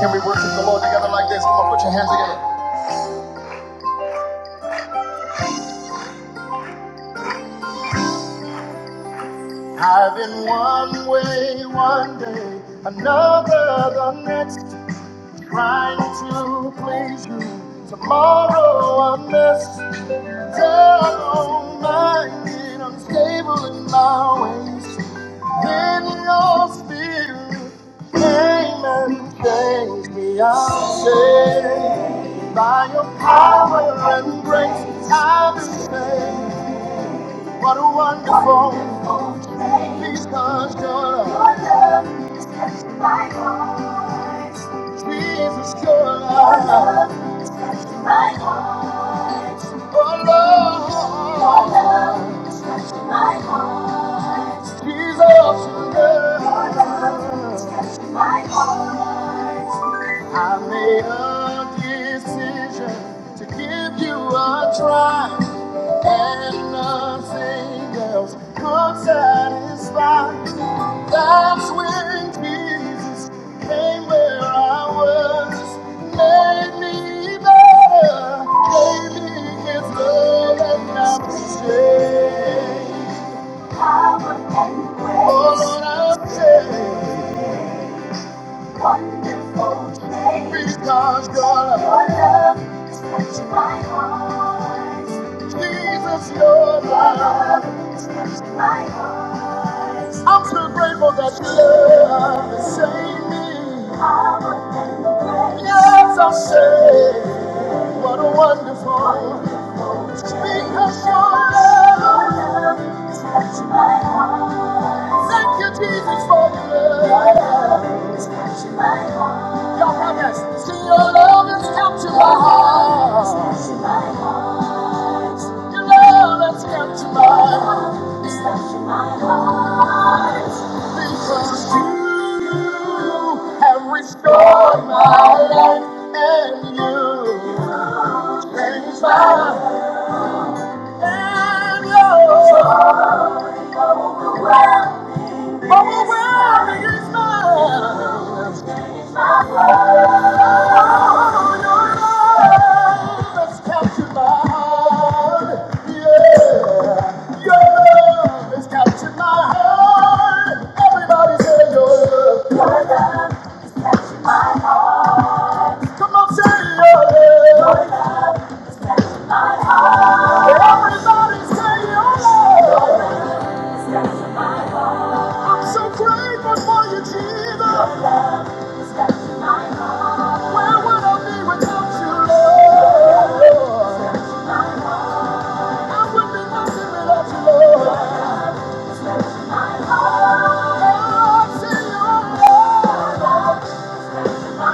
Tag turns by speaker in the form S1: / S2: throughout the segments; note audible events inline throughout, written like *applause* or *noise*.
S1: Can we worship the Lord together like this? Come on, put your hands together. I've been one way, one day, another the next, trying to please you. Tomorrow I'm messed, double-minded, unstable in my ways. Then your spirit came and changed me. I'm saved by your power and grace. I've been saved. What a wonderful, peace comes your love. Jesus, your love. Oh Lord, Jesus, your love. I made a decision to give you a try. And nothing else could satisfy. That's when Jesus came where I was, made me better, gave me His love and now I'm today. Oh Lord, I'm Wonderful place Because God, your love has touched my heart. Jesus, your love has touched my heart. I'm so grateful that your love has saved me. Yes, I'm saved. What a wonderful. it's Because your love has touched my heart. Thank you, Jesus, for your love. Your love It's touching my heart. Y'all have See your love is captured my heart. It's touching my heart. Your love has captured my heart. It's touching my heart. Because you have restored my life and you is mine. and yours. Overwhelming is mine. Oh, your your love love has has captured captured my my heart. heart. Yeah, your love has captured my heart. Everybody say your love. Your love has captured my heart. Come on, say oh yeah. Everybody say oh yeah. I'm so grateful for you, Jesus. Where would I be without you, Lord? I would be nothing without you, Lord. Oh, say oh yeah. With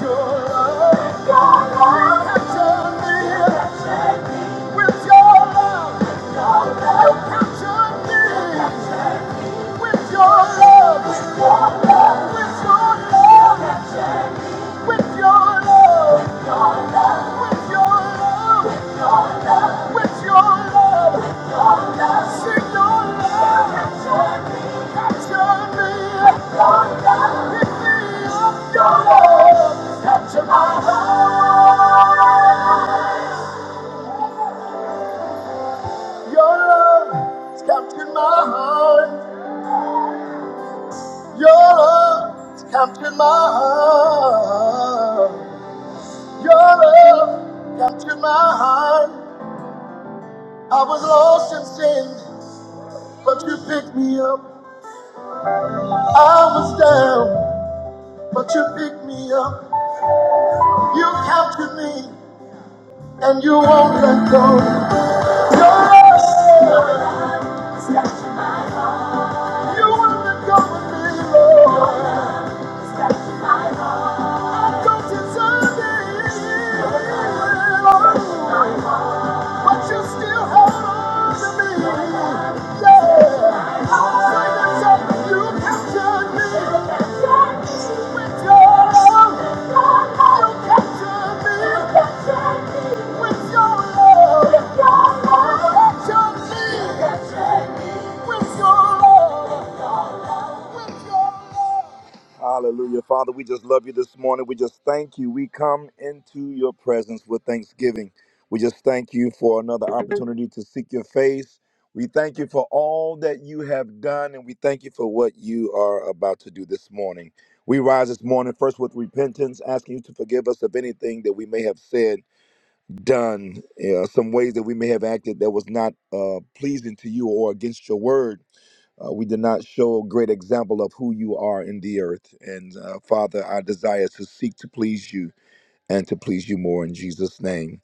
S1: your love, you capture me. With your love, your love captured me. With your love, your love, your love captured me. With your love, with your love, with your love, with your love, with your love, with your love. Sing your love captured me, captured me. With your love, pick me up. Your love captured my heart. Your love has captured my heart. Your love captured my heart. Your love captured my heart. I was lost in sin, but you picked me up. I was down, but you picked me up. You captured me, and you won't let go. You won't let go of me, Lord. I don't deserve it. Lord. but you still hold on to me. Yeah. I'll say this, you captured me. With your love. You captured me. With your love. You captured me. With your love. With your love. Hallelujah. Father, we just love you this morning. We just thank you. We come into your presence with thanksgiving. We just thank you for another opportunity to seek your face. We thank you for all that you have done, and we thank you for what you are about to do this morning. We rise this morning first with repentance, asking you to forgive us of anything that we may have said, done, uh, some ways that we may have acted that was not uh, pleasing to you or against your word. Uh, we did not show a great example of who you are in the earth. And uh, Father, our desire is to seek to please you and to please you more in Jesus' name.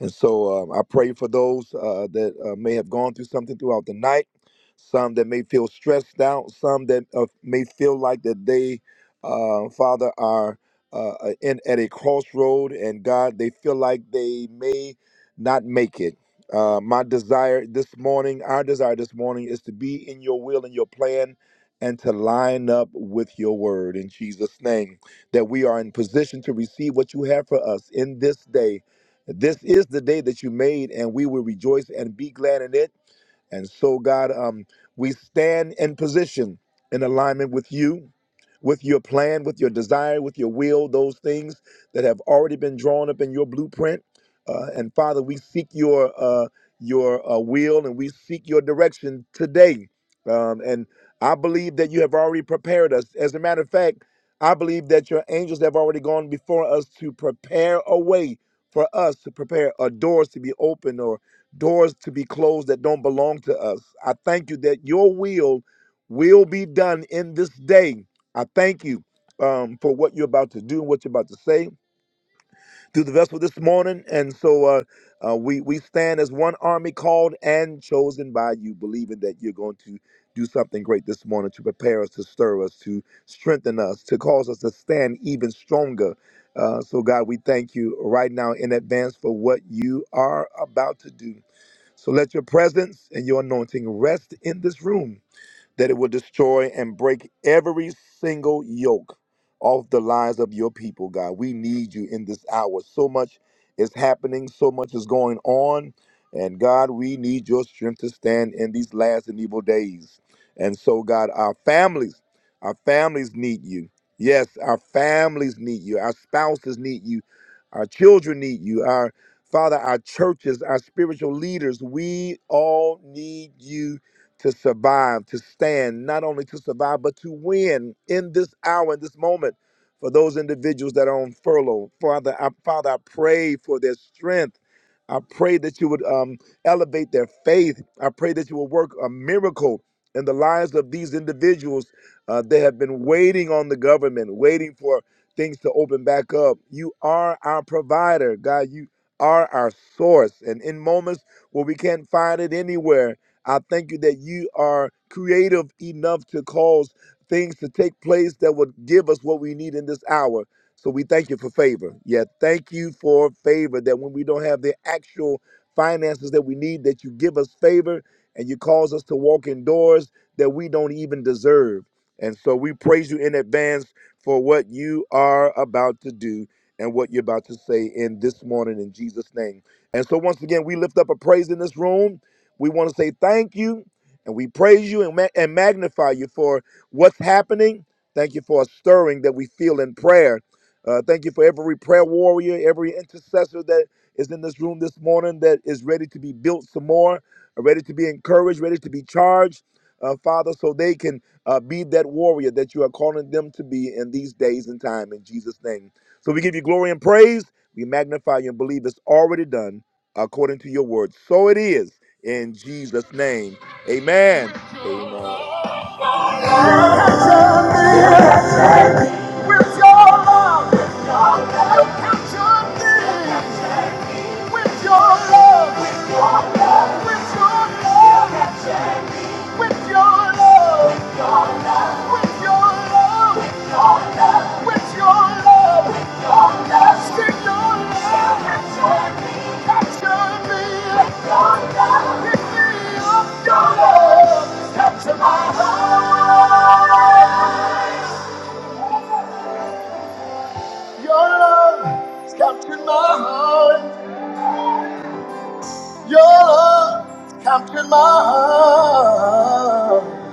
S1: And so um, I pray for those uh, that uh, may have gone through something throughout the night, some that may feel stressed out, some that uh, may feel like that they, uh, Father, are uh, uh, in at a crossroad, and God, they feel like they may not make it. Uh, my desire this morning, our desire this morning, is to be in your will and your plan, and to line up with your word in Jesus' name that we are in position to receive what you have for us in this day. This is the day that you made, and we will rejoice and be glad in it. And so, God, um, we stand in position in alignment with you, with your plan, with your desire, with your will, those things that have already been drawn up in your blueprint. Uh, and Father, we seek your uh, your uh, will and we seek your direction today. Um, and I believe that you have already prepared us. As a matter of fact, I believe that your angels have already gone before us to prepare a way for us to prepare a doors to be open or doors to be closed that don't belong to us. I thank you that your will will be done in this day. I thank you um, for what you're about to do and what you're about to say through the vessel this morning. And so uh, uh, we, we stand as one army called and chosen by you, believing that you're going to do something great this morning to prepare us, to stir us, to strengthen us, to cause us to stand even stronger. Uh, so, God, we thank you right now in advance for what you are about to do. So let your presence and your anointing rest in this room that it will destroy and break every single yoke off the lives of your people, God. We need you in this hour. So much is happening, so much is going on. And God, we need your strength to stand in these last and evil days. And so, God, our families, our families need you. Yes, our families need you. Our spouses need you. Our children need you. Our Father, our churches, our spiritual leaders, we all need you to survive, to stand, not only to survive, but to win in this hour, in this moment, for those individuals that are on furlough. Father, I, Father, I pray for their strength. I pray that you would um, elevate their faith. I pray that you will work a miracle in the lives of these individuals. Uh, they have been waiting on the government, waiting for things to open back up. You are our provider, God. You are our source. And in moments where we can't find it anywhere, I thank you that you are creative enough to cause things to take place that would give us what we need in this hour. So we thank you for favor. Yeah, thank you for favor that when we don't have the actual finances that we need, that you give us favor and you cause us to walk in doors that we don't even deserve. And so we praise you in advance for what you are about to do and what you're about to say in this morning in Jesus' name. And so once again, we lift up a praise in this room. We want to say thank you and we praise you and, ma- and magnify you for what's happening. Thank you for a stirring that we feel in prayer. Uh, thank you for every prayer warrior, every intercessor that is in this room this morning that is ready to be built some more, uh, ready to be encouraged, ready to be charged, uh, Father, so they can uh, be that warrior that you are calling them to be in these days and time in Jesus' name. So we give you glory and praise. We magnify you and believe it's already done according to your word. So it is in Jesus' name. Amen. Amen. With your love, your love With your love, with your love, with your love, you captured me. With your love, with your love, with your love, with your love, with your love, with your love, stick your love, captured me, captured me. With your love, pick me up, your love, capture my heart. Your love has captured my heart. Your love captured my heart.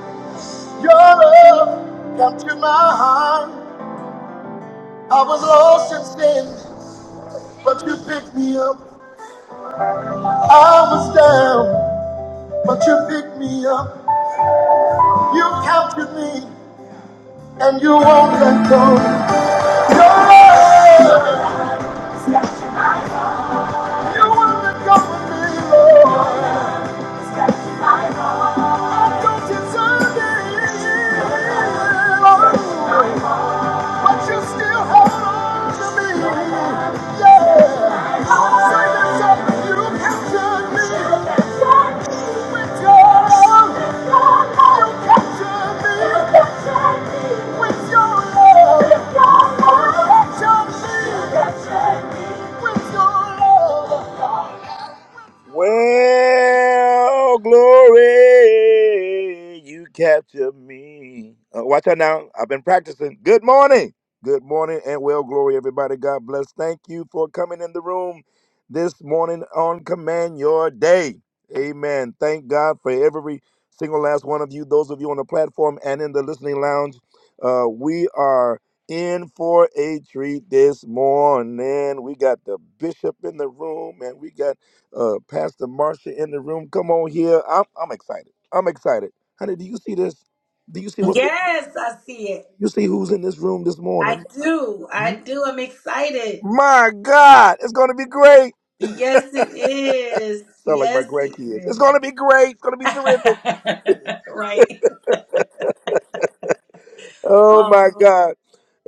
S1: Your love captured my heart. I was lost in sin, but you picked me up. I was down, but you picked me up. You captured me, and you won't let go. You won't let go of me, Lord. but you still hold on to me. Yeah. Say that's up, you captured me. With your love, you captured me. With your love, you captured me. With your love. Well, glory, you capture me. Uh, watch out now. I've been practicing. Good morning. Good morning and well, glory, everybody. God bless. Thank you for coming in the room this morning on Command Your Day. Amen. Thank God for every single last one of you, those of you on the platform and in the listening lounge. Uh, we are in for a treat this morning. We got the bishop in the room and we got uh, Pastor Marcia in the room. Come on here. I'm, I'm excited. I'm excited. Honey, do you see this? Do you see what's you
S2: Yes, I see it.
S1: see who's in this room this morning?
S2: I do. I
S1: M-
S2: do. I'm excited.
S1: My God, it's gonna be great.
S2: Yes, it is.
S1: Sound like my
S2: Yes, it
S1: grandkids. It's
S2: is.
S1: gonna be great. It's gonna be terrific.
S2: *laughs* right.
S1: oh my
S2: Oh,
S1: God.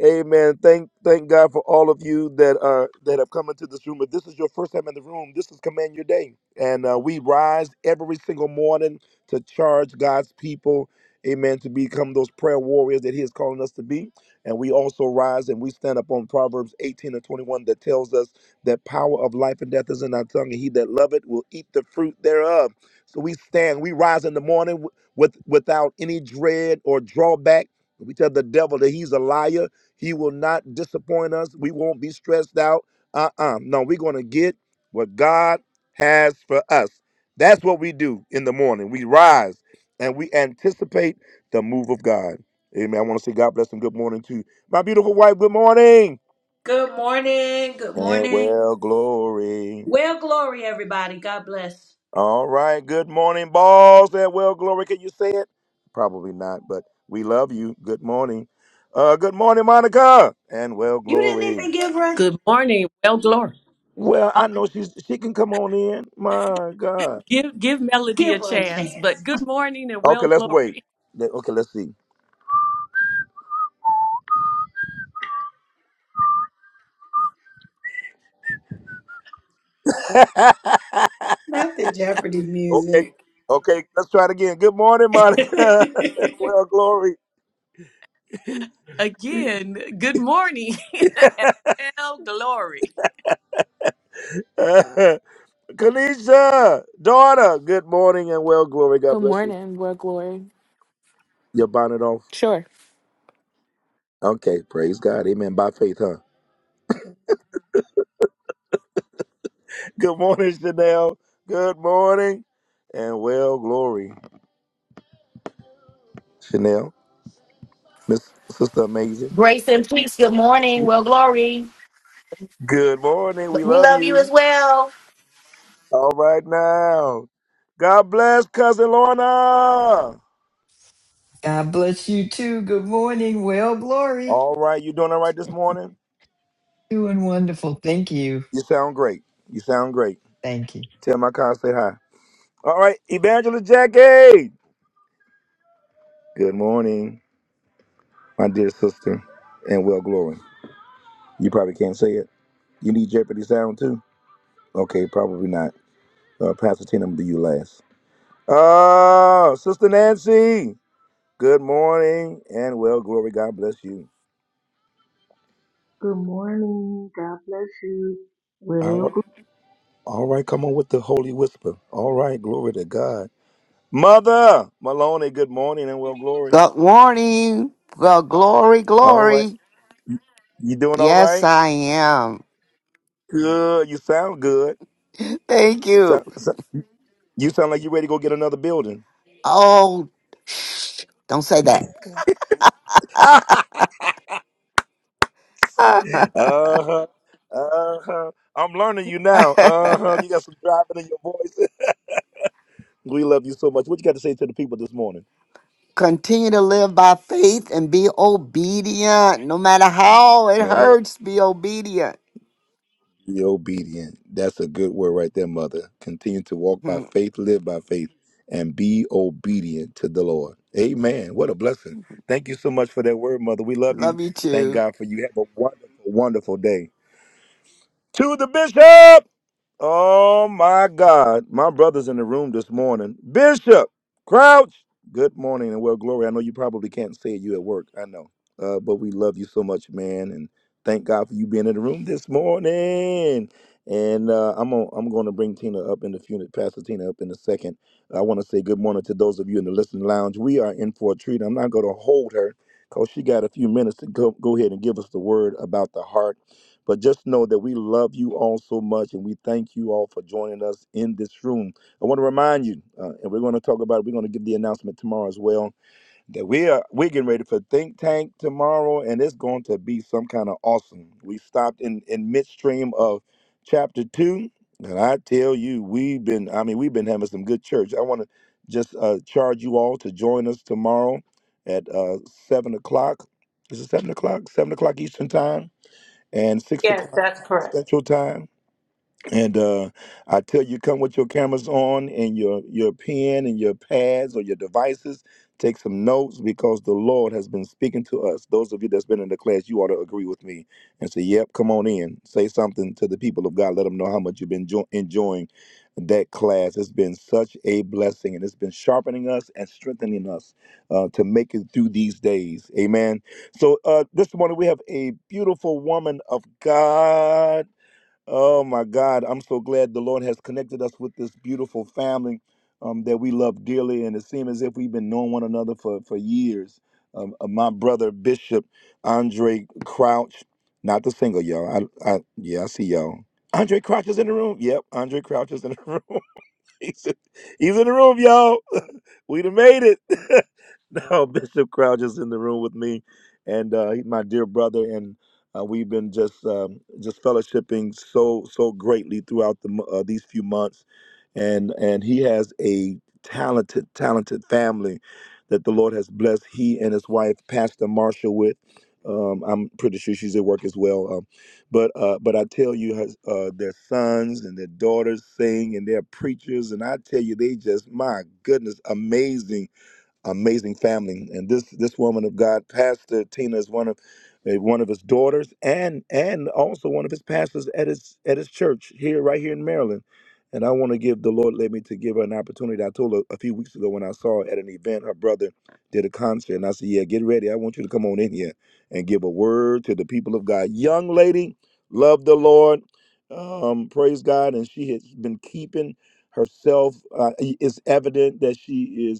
S1: Amen. Thank thank God for all of you that are that have come into this room. If this is your first time in the room, this is Command Your Day. And uh, we rise every single morning to charge God's people, amen, to become those prayer warriors that He is calling us to be. And we also rise and we stand up on Proverbs 18 and 21 that tells us that power of life and death is in our tongue, and he that love it will eat the fruit thereof. So we stand, we rise in the morning with without any dread or drawback we tell the devil that he's a liar. He will not disappoint us. We won't be stressed out. Uh uh No, we're going to get what God has for us. That's what we do in the morning. We rise and we anticipate the move of God. Amen. I want to say God bless and good morning to my beautiful wife. Good morning.
S2: good morning. Good
S1: And
S2: morning.
S1: well, glory.
S2: Well, glory, everybody. God bless.
S1: All right. Good morning, balls. That well, glory. Can you say it? Probably not, but we love you. Good morning. Uh, good morning, Monica. And well,
S2: You didn't
S1: glory.
S2: even give her a,
S3: Good morning. Well, glory.
S1: Well,
S3: Uh,
S1: I know she's she can come on in. My God.
S3: Give give Melody a
S2: give her a
S3: chance,
S2: chance.
S3: but good morning and
S1: Okay,
S3: well,
S1: let's wait.
S3: glory.
S1: Le- Okay, let's see. *laughs*
S2: Not the Jeopardy
S1: okay.
S2: music.
S1: Okay, let's try it again. Good morning,
S2: *laughs*
S1: Monica. *laughs* well, glory.
S3: Again, good morning, *laughs* well, glory.
S1: *laughs* Kanisha, daughter, good morning and well, glory.
S4: Good
S1: God bless you.
S4: morning, world glory.
S1: Your bonnet off.
S4: Sure.
S1: Okay, praise God. Amen. By faith, huh? Good morning, Chanel. Good morning. And well, glory, Chanel. Miss Sister Amazing.
S5: Grace and peace. Good
S1: That's
S5: morning.
S1: you.
S5: Well, glory.
S1: Good morning. We
S5: We
S1: love
S5: love you as
S1: you.
S5: well.
S1: All right now. God bless Cousin Lorna.
S6: God bless you too. Good morning. Well, glory.
S1: All right. You doing all right this morning?
S6: Doing wonderful. Thank you.
S1: You sound great. You sound great.
S6: Thank you.
S1: Tell my car I say hi. All right. Evangelist Jackie. Good morning, my dear sister. And well, glory. You probably can't say it. You need Jeopardy sound too? Okay, probably not. Uh, Pastor Tina, I'm gonna do you last. Oh, Sister Nancy, good morning and well, glory. God bless you.
S7: Good morning. God bless you.
S1: All
S7: Well,
S1: right,
S7: good-
S1: all right, come on with the holy whisper. All right, glory to God. Mother Maloney, good morning and well, glory.
S8: Good morning. Well, glory,
S1: All right,
S8: glory.
S1: you doing all
S8: Yes,
S1: right?
S8: I am.
S1: Good, you sound good.
S8: Thank
S1: So,
S8: you.
S1: so- you sound like you ready to go get another building.
S8: Oh, don't say
S1: *laughs* uh huh,
S8: that.
S1: uh huh. I'm learning you now. Uh huh. You got some driving in your voice. *laughs* We love you so much. What you got to say to the people this morning?
S8: *laughs* Continue to live by faith and be obedient. No matter how it
S1: Uh,
S8: hurts, be obedient.
S1: be obedient. That's a good word right there, mother. Continue to walk by
S8: Hmm.
S1: faith, live by faith, and be obedient to the Lord. Amen. What a blessing. Thank you so much for that word, mother. We love you.
S8: Love you
S1: Thank
S8: too.
S1: God for you. Have a wonderful, wonderful day. To the bishop. Oh my God. My brother's in the room this morning. Bishop Crouch. Good morning and well, Glory. I know you probably can't say it. You at work. I know. Uh, but we love you so much, man. And thank God for you being in the room this morning. And uh, I'm on, I'm going to bring Tina up in a few, Pastor Tina up in a second. I want to say good morning to those of you in the listening lounge. We are in for a treat. I'm not going to hold her because she got a few minutes to go, go ahead and give us the word about the heart but just know that we love you all so much and we thank you all for joining us in this room. I want to remind you, uh, and we're going to talk about it, we're going to give the announcement tomorrow as well, that we are we're getting ready for Think Tank tomorrow, and it's going to be some kind of awesome. We stopped in, in midstream of chapter two, and I tell you, we've been, I mean, we've been having some good church. I want to just uh, charge you all to join us tomorrow at uh, seven o'clock. Is it seven o'clock? Seven o'clock Eastern time and six
S2: yes,
S1: o'clock
S2: that's correct.
S1: Central Time. And uh, I tell you, come with your cameras on and your your pen and your pads or your devices. Take some notes because the Lord has been speaking to us. Those of you that's been in the class, you ought to agree with me and say, "Yep, come on in." Say something to the people of God. Let them know how much you've been jo- enjoying that class. It's been such a blessing, and it's been sharpening us and strengthening us uh, to make it through these days. Amen. So uh, this morning we have a beautiful woman of God. Oh my God, I'm so glad the Lord has connected us with this beautiful family um, that we love dearly, and it seems as if we've been knowing one another for for years. Um, uh, my brother Bishop Andre Crouch, not the single y'all. I, I yeah, I see y'all. Andre Crouch is in the room. Yep, Andre Crouch is in the *laughs* room. *laughs* he's, in he's in the room, y'all. *laughs* we done made it. *laughs* now Bishop Crouch is in the room with me, and uh, he's my dear brother, and uh, we've been just um, just fellowshipping so so greatly throughout the mo- uh, these few months, and and he has a talented talented family that the Lord has blessed he and his wife Pastor Marshall with. Um, I'm pretty sure she's at work as well. uh, but uh, but I tell you, has- uh, their sons and their daughters sing, and they're preachers, and I tell you, they just my goodness, amazing amazing family. And this this woman of God, Pastor Tina, is one of eh, one of his daughters, and and also one of his pastors at his at his church here, right here in Maryland. And I want to give the Lord led me to give her an opportunity. I told her a few weeks ago when I saw her at an event, her brother did a concert, and I said, "Yeah, get ready. I want you to come on in here and give a word to the people of God." Young lady, love the Lord, um, praise God, and she has been keeping herself. Uh, i- it's evident that she is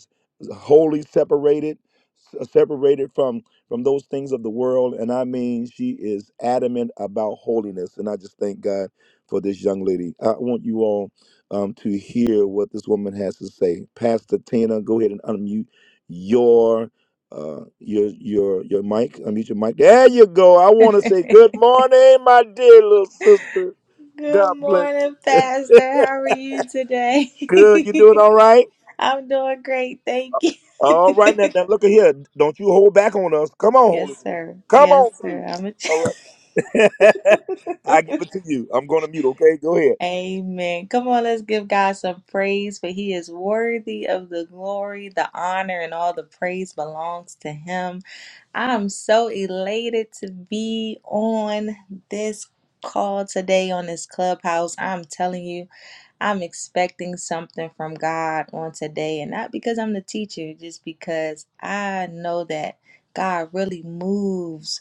S1: wholly separated s- uh, separated from from those things of the world and i mean she is adamant about holiness and i just thank god for this young lady i want you all um, to hear what this woman has to say pastor tina go ahead and unmute your uh your your your mic unmute your mic there you go i want to say good morning my dear little sister
S9: Good
S1: god bless
S9: morning, Pastor. How are you today?
S1: good you doing
S9: *laughs*
S1: all right
S9: I'm doing great. Thank you.
S1: All right, now, now look at here. Don't you hold back on us. Come on, Holy
S9: Yes,
S1: Ghost.
S9: sir.
S1: Come
S9: Yes,
S1: on
S9: sir.
S1: through.
S9: I'm a...
S1: All right. *laughs* I give it to you. I'm going to mute, okay? Go ahead.
S9: *laughs* Amen. Come on, let's give God some praise, for He is worthy of the glory, the honor, and all the praise belongs to Him. I'm so elated to be on this call today on this clubhouse. I'm telling you. I'm expecting something from God on today, and not because I'm the teacher, just because I know that God really moves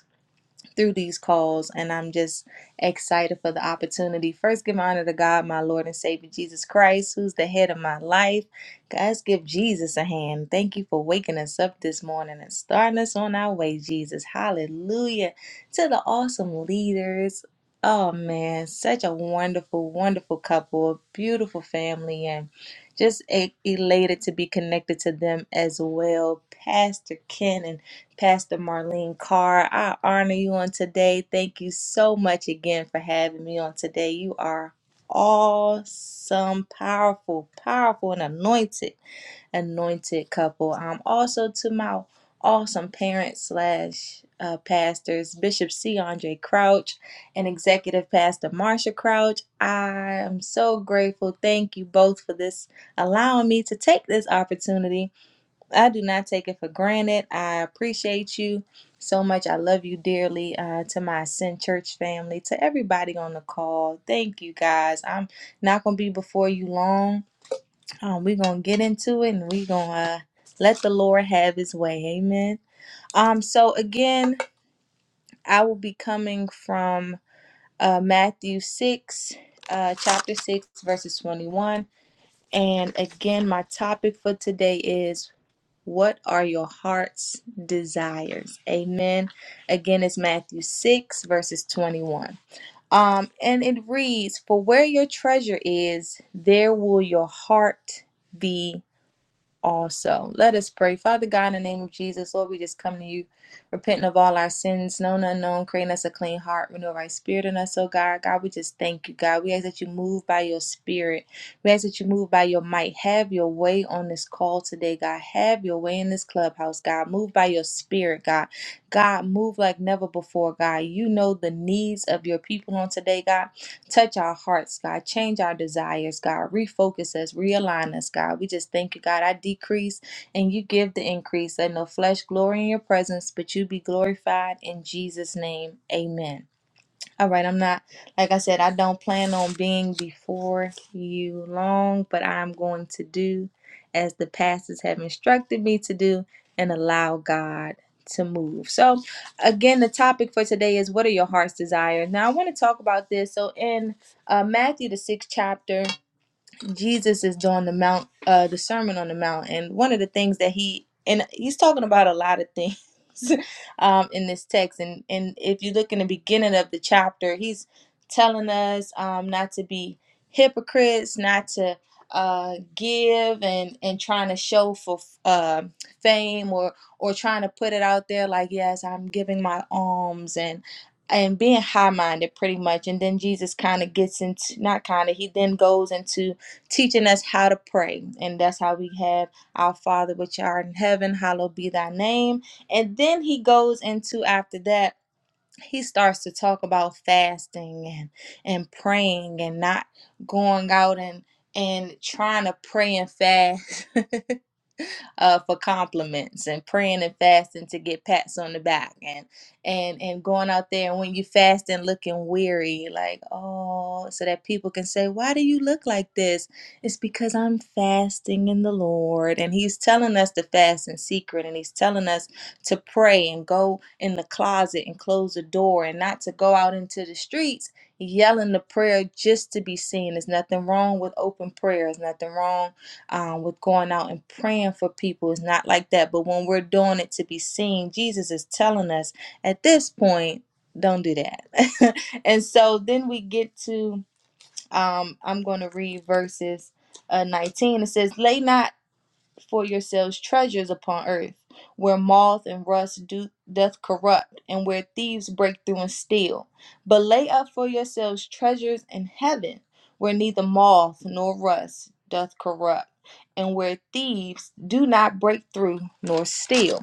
S9: through these calls and I'm just excited for the opportunity. First, give honor to God, my Lord and Savior Jesus Christ, who's the head of my life. Guys, give Jesus a hand. Thank you for waking us up this morning and starting us on our way, Jesus. Hallelujah. To the awesome leaders. Oh man, such a wonderful, wonderful couple, a beautiful family, and just e- elated to be connected to them as well. Pastor Ken and Pastor Marlene Carr, I honor you on today. Thank you so much again for having me on today. You are awesome, powerful, powerful, and anointed, anointed couple. Um, also to my awesome parents slash uh, pastors, Bishop C. Andre Crouch and Executive Pastor Marsha Crouch. I am so grateful. Thank you both for this, allowing me to take this opportunity I do not take it for granted. I appreciate you so much. I love you dearly. Uh, to my Ascend Church family, to everybody on the call, thank you guys. I'm not gonna be before you long. Um, we're gonna get into it, and we're gonna uh, let the Lord have His way. Amen. Um, so again, I will be coming from uh, Matthew six, uh, chapter six, verses twenty-one. And again, my topic for today is. What are your heart's desires? Amen. Again, it's Matthew 6, verses 21. Um, and it reads, For where your treasure is, there will your heart be also. Let us pray. Father God, in the name of Jesus, Lord, we just come to you, repenting of all our sins, known and unknown, creating us a clean heart, renew our spirit in us, oh God. God, we just thank you, God. We ask that you move by your spirit. We ask that you move by your might. Have your way on this call today, God. Have your way in this clubhouse, God. Move by your spirit, God. God, move like never before, God. You know the needs of your people on today, God. Touch our hearts, God. Change our desires, God. Refocus us, realign us, God. We just thank you, God. I decrease and you give the increase. Let no flesh glory in your presence, but you be glorified in Jesus' name. Amen. All right, I'm not, like I said, I don't plan on being before you long, but I'm going to do as the pastors have instructed me to do and allow God to move. So, again, the topic for today is what are your heart's desires? Now, I want to talk about this. So, in uh, Matthew, the sixth chapter, Jesus is doing the mount, uh, the Sermon on the Mount, and one of the things that he and he's talking about a lot of things *laughs* um, in this text, and and if you look in the beginning of the chapter, he's telling us um, not to be hypocrites, not to uh, give and and trying to show for uh, fame or or trying to put it out there like yes, I'm giving my alms and and being high minded pretty much and then jesus kind of gets into not kind of he then goes into teaching us how to pray. And that's how we have our Father which art in heaven, hallowed be thy name. And then he goes into after that, he starts to talk about fasting and and praying and not going out and and trying to pray and fast *laughs* uh, for compliments and praying and fasting to get pats on the back and and and going out there and when you fast and looking weary like oh so that people can say why do you look like this it's because i'm fasting in the lord and he's telling us to fast in secret and he's telling us to pray and go in the closet and close the door and not to go out into the streets yelling the prayer just to be seen there's nothing wrong with open prayer there's nothing wrong um, with going out and praying for people. It's not like that. But when we're doing it to be seen, Jesus is telling us at this point, don't do that. *laughs* and so then we get to, um, I'm going to read verses uh, 19. It says, Lay not for yourselves treasures upon earth, where moth and rust do, doth corrupt, and where thieves break through and steal. But lay up for yourselves treasures in heaven, where neither moth nor rust doth corrupt, and where thieves do not break through nor steal.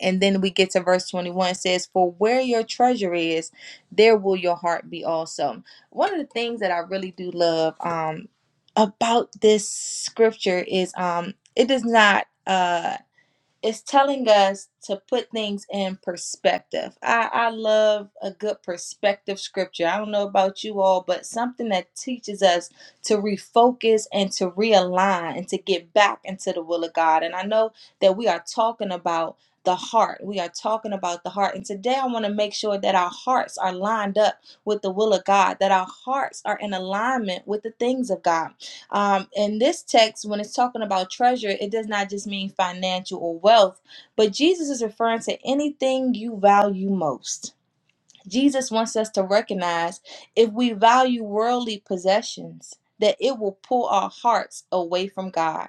S9: And then we get to verse 21 it says, For where your treasure is, there will your heart be also. One of the things that I really do love um, about this scripture is um, it does not. uh, it's telling us to put things in perspective. I, I love a good perspective scripture. I don't know about you all, but something that teaches us to refocus and to realign and to get back into the will of God. And I know that we are talking about the heart. We are talking about the heart. And today I want to make sure that our hearts are lined up with the will of God, that our hearts are in alignment with the things of God. Um, in this text, when it's talking about treasure, it does not just mean financial or wealth, but Jesus is referring to anything you value most. Jesus wants us to recognize if we value worldly possessions, that it will pull our hearts away from God.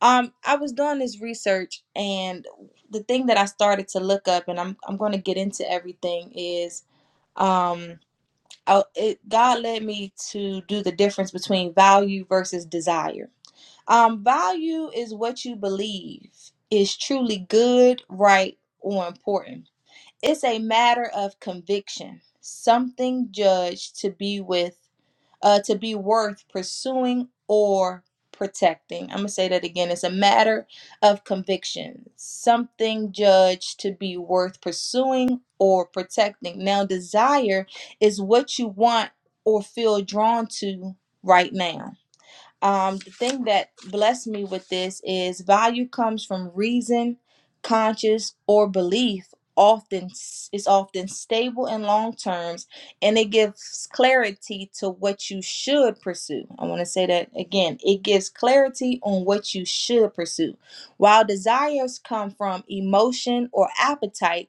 S9: Um, I was doing this research, and the thing that I started to look up, and I'm I'm going to get into everything, is um, I, it, God led me to do the difference between value versus desire um, value is what you believe is truly good, right, or important. It's a matter of conviction, something judged to be with, uh, to be worth pursuing or protecting. I'm gonna say that again. It's a matter of conviction, something judged to be worth pursuing or protecting. Now, desire is what you want or feel drawn to right now um, the thing that blessed me with this is value comes from reason, conscious, or belief. Often s- is often stable and long terms, and it gives clarity to what you should pursue. I want to say that again. It gives clarity on what you should pursue, while desires come from emotion or appetite,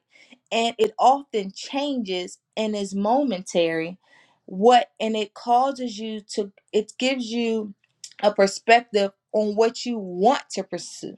S9: and it often changes and is momentary. What and it causes you to. It gives you a perspective on what you want to pursue.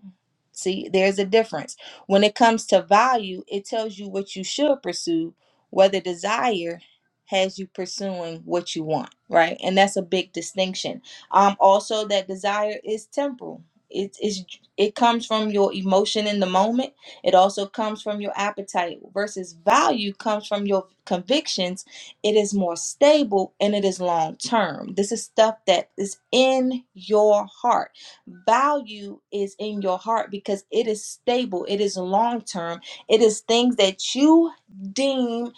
S9: See, there's a difference. When it comes to value, it tells you what you should pursue, whether desire has you pursuing what you want, right? And that's a big distinction. Um, also that desire is temporal. It is it comes from your emotion in the moment. It also comes from your appetite versus value comes from your convictions it is more stable and it is long term. This is stuff that is in your heart. Value is in your heart because it is stable, it is long term, it is things that you deem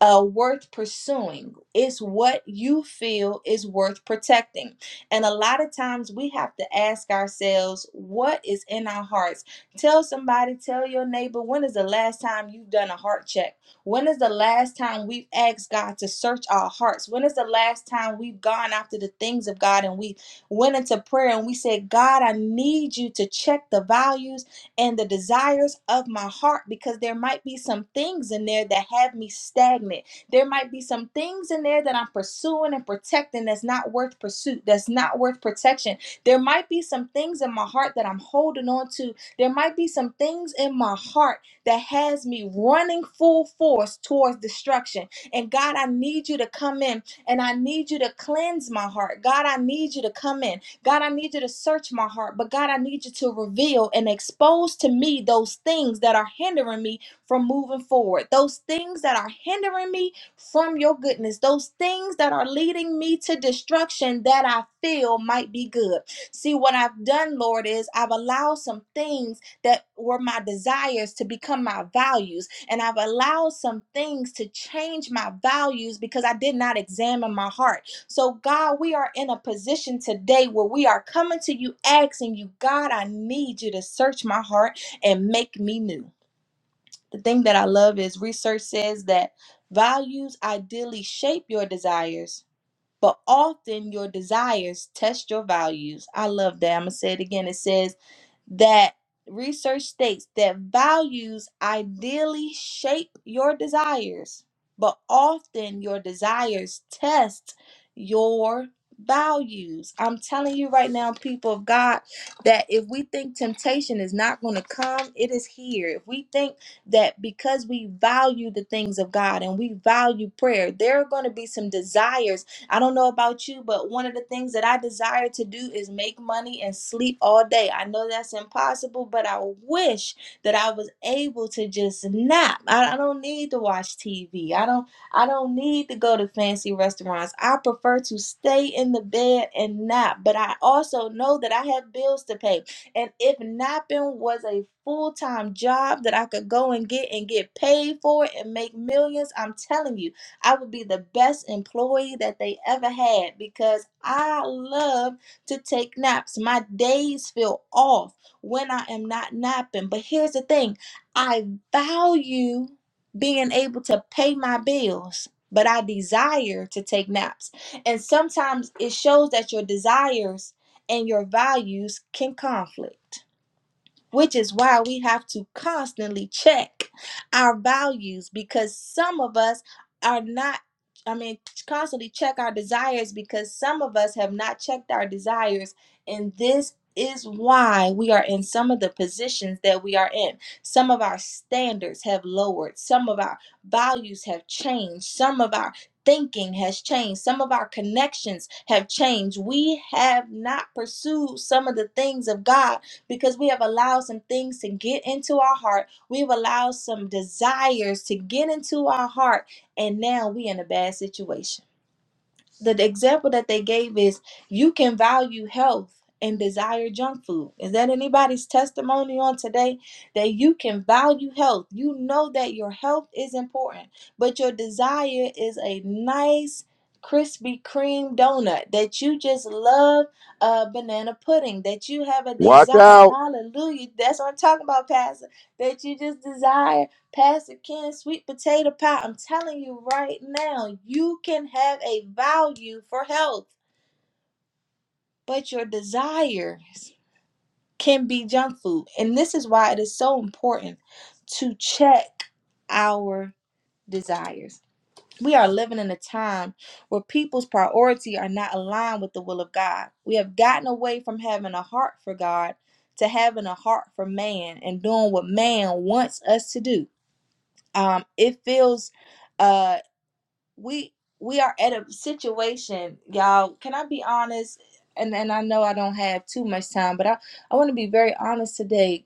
S9: uh, worth pursuing. It's what you feel is worth protecting. And a lot of times we have to ask ourselves what is in our hearts. Tell somebody, tell your neighbor, when is the last time you've done a heart check? When is the last time we've asked God to search our hearts? When is the last time we've gone after the things of God and we went into prayer and we said, God, I need you to check the values and the desires of my heart because there might be some things in there that have me stagnant. There might be some things in there that I'm pursuing and protecting that's not worth pursuit, that's not worth protection. There might be some things in my heart that I'm holding on to. There might be some things in my heart that has me running full force towards destruction. And God, I need you to come in and I need you to cleanse my heart. God, I need you to come in. God, I need you to search my heart. But God, I need you to reveal and expose to me those things that are hindering me from moving forward, those things that are hindering me from your goodness, those things that are leading me to destruction that I feel might be good. See, what I've done, Lord, is I've allowed some things that were my desires to become my values. And I've allowed some things to change my values because I did not examine my heart. So, God, we are in a position today where we are coming to you asking you, God, I need you to search my heart and make me new. The thing that I love is research says that values ideally shape your desires. But often your desires test your values. I love that. I'm going to say it again. It says, that research states that values ideally shape your desires, but often your desires test your values. I'm telling you right now, people of God, that if we think temptation is not going to come, it is here. If we think that because we value the things of God and we value prayer, there are going to be some desires I don't know about you, but one of the things that I desire to do is make money and sleep all day. I know that's impossible, but I wish that I was able to just nap. I, I don't need to watch TV. I don't I don't need to go to fancy restaurants. I prefer to stay in the bed and nap, but I also know that I have bills to pay. And if napping was a full-time job that I could go and get and get paid for it and make millions, I'm telling you I would be the best employee that they ever had because I love to take naps. My days feel off when I am not napping. But here's the thing I value being able to pay my bills. But I desire to take naps. And sometimes it shows that your desires and your values can conflict which is why we have to constantly check our values because some of us are not I mean constantly check our desires because some of us have not checked our desires and this is why we are in some of the positions that we are in. Some of our standards have lowered. Some of our values have changed. Some of our thinking has changed. Some of our connections have changed. We have not pursued some of the things of God because we have allowed some things to get into our heart. We've allowed some desires to get into our heart, and now we in a bad situation the example that they gave is you can value health and desire junk food. Is that anybody's testimony on today that you can value health? You know that your health is important, but your desire is a nice Krispy Kreme donut that you just love uh banana pudding that you have a
S1: Watch
S9: desire
S1: out.
S9: hallelujah that's what I'm talking about pastor that you just desire Pastor Ken, sweet potato pie, I'm telling you right now, you can have a value for health, but your desires can be junk food. And this is why it is so important to check our desires. We are living in a time where people's priority are not aligned with the will of God. We have gotten away from having a heart for God to having a heart for man and doing what man wants us to do. Um, it feels uh. we we are at a situation, y'all. Can I be honest? And and I know I don't have too much time, but I I want to be very honest today.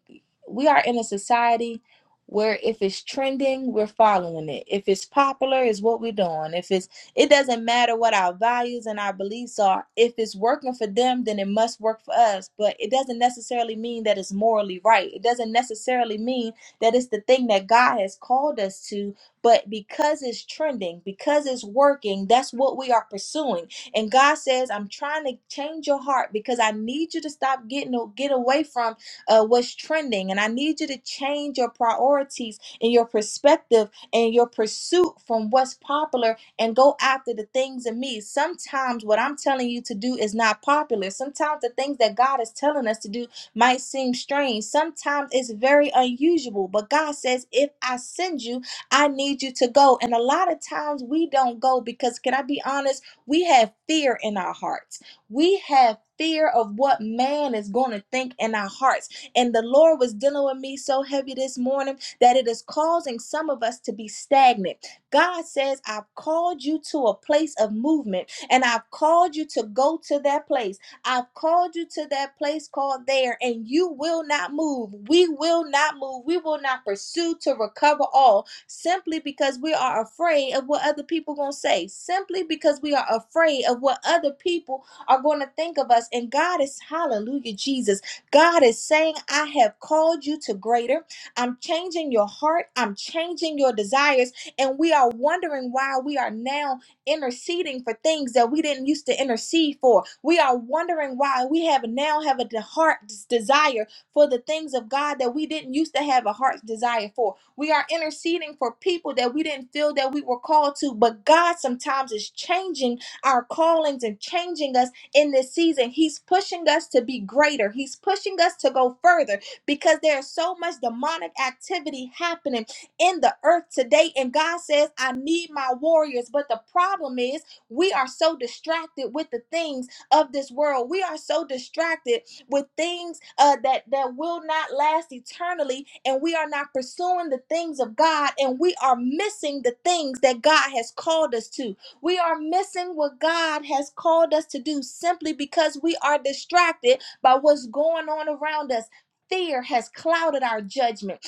S9: We are in a society where if it's trending, we're following it. If it's popular, is what we're doing. If it's it doesn't matter what our values and our beliefs are. If it's working for them, then it must work for us. But it doesn't necessarily mean that it's morally right. It doesn't necessarily mean that it's the thing that God has called us to but because it's trending, because it's working, that's what we are pursuing. And God says, I'm trying to change your heart because I need you to stop getting get away from uh, what's trending. And I need you to change your priorities and your perspective and your pursuit from what's popular and go after the things in me. Sometimes what I'm telling you to do is not popular. Sometimes the things that God is telling us to do might seem strange. Sometimes it's very unusual. But God says, if I send you, I need you to go. And a lot of times we don't go because, can I be honest? We have fear in our hearts. We have fear of what man is going to think in our hearts. And the Lord was dealing with me so heavy this morning that it is causing some of us to be stagnant. God says, I've called you to a place of movement and I've called you to go to that place. I've called you to that place called there, and you will not move. We will not move. We will not pursue to recover all simply because we are afraid of what other people are going to say, simply because we are afraid of what other people are going to think of us. And God is, hallelujah, Jesus. God is saying, I have called you to greater. I'm changing your heart. I'm changing your desires. And we are wondering why we are now interceding for things that we didn't used to intercede for. We are wondering why we have now have a de- heart desire for the things of God that we didn't used to have a heart's desire for we are interceding for people that we didn't feel that we were called to, but God sometimes is changing our callings and changing us in this season. He's pushing us to be greater, He's pushing us to go further because there's so much demonic activity happening in the earth today. And God says, I need my warriors. But the problem is, we are so distracted with the things of this world. We are so distracted with things uh, that that will not last eternally, and we are not pursuing the things of God, and we are missing the things that God has called us to. We are missing what God has called us to do simply because we are distracted by what's going on around us. Fear has clouded our judgment.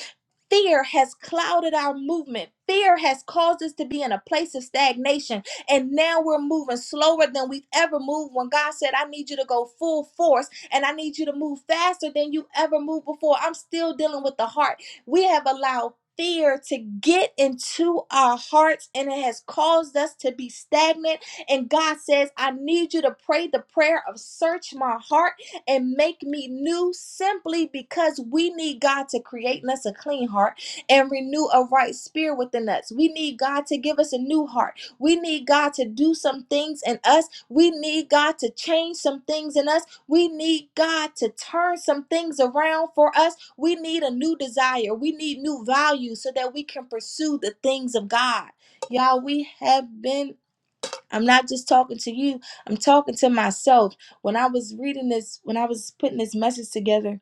S9: Fear has clouded our movement. Fear has caused us to be in a place of stagnation. And now we're moving slower than we've ever moved when God said, I need you to go full force and I need you to move faster than you ever moved before. I'm still dealing with the heart. We have allowed fear to get into our hearts and it has caused us to be stagnant. And God says, I need you to pray the prayer of search my heart and make me new simply because we need God to create in us a clean heart and renew a right spirit within us. We need God to give us a new heart. We need God to do some things in us. We need God to change some things in us. We need God to turn some things around for us. We need a new desire. We need new values so that we can pursue the things of God. Y'all, we have been I'm not just talking to you, I'm talking to myself. When I was reading this, when I was putting this message together,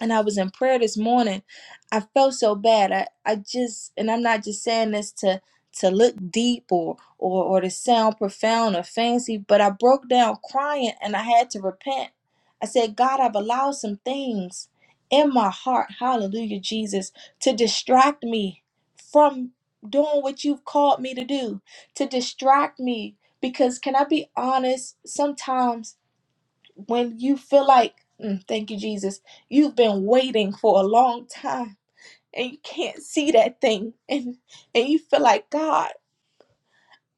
S9: and I was in prayer this morning, I felt so bad. I, I just and I'm not just saying this to to look deep or, or or to sound profound or fancy, but I broke down crying and I had to repent. I said, God, I've allowed some things in my heart, hallelujah, Jesus, to distract me from doing what you've called me to do, to distract me. Because can I be honest? Sometimes when you feel like, mm, thank you, Jesus, you've been waiting for a long time and you can't see that thing, and and you feel like God.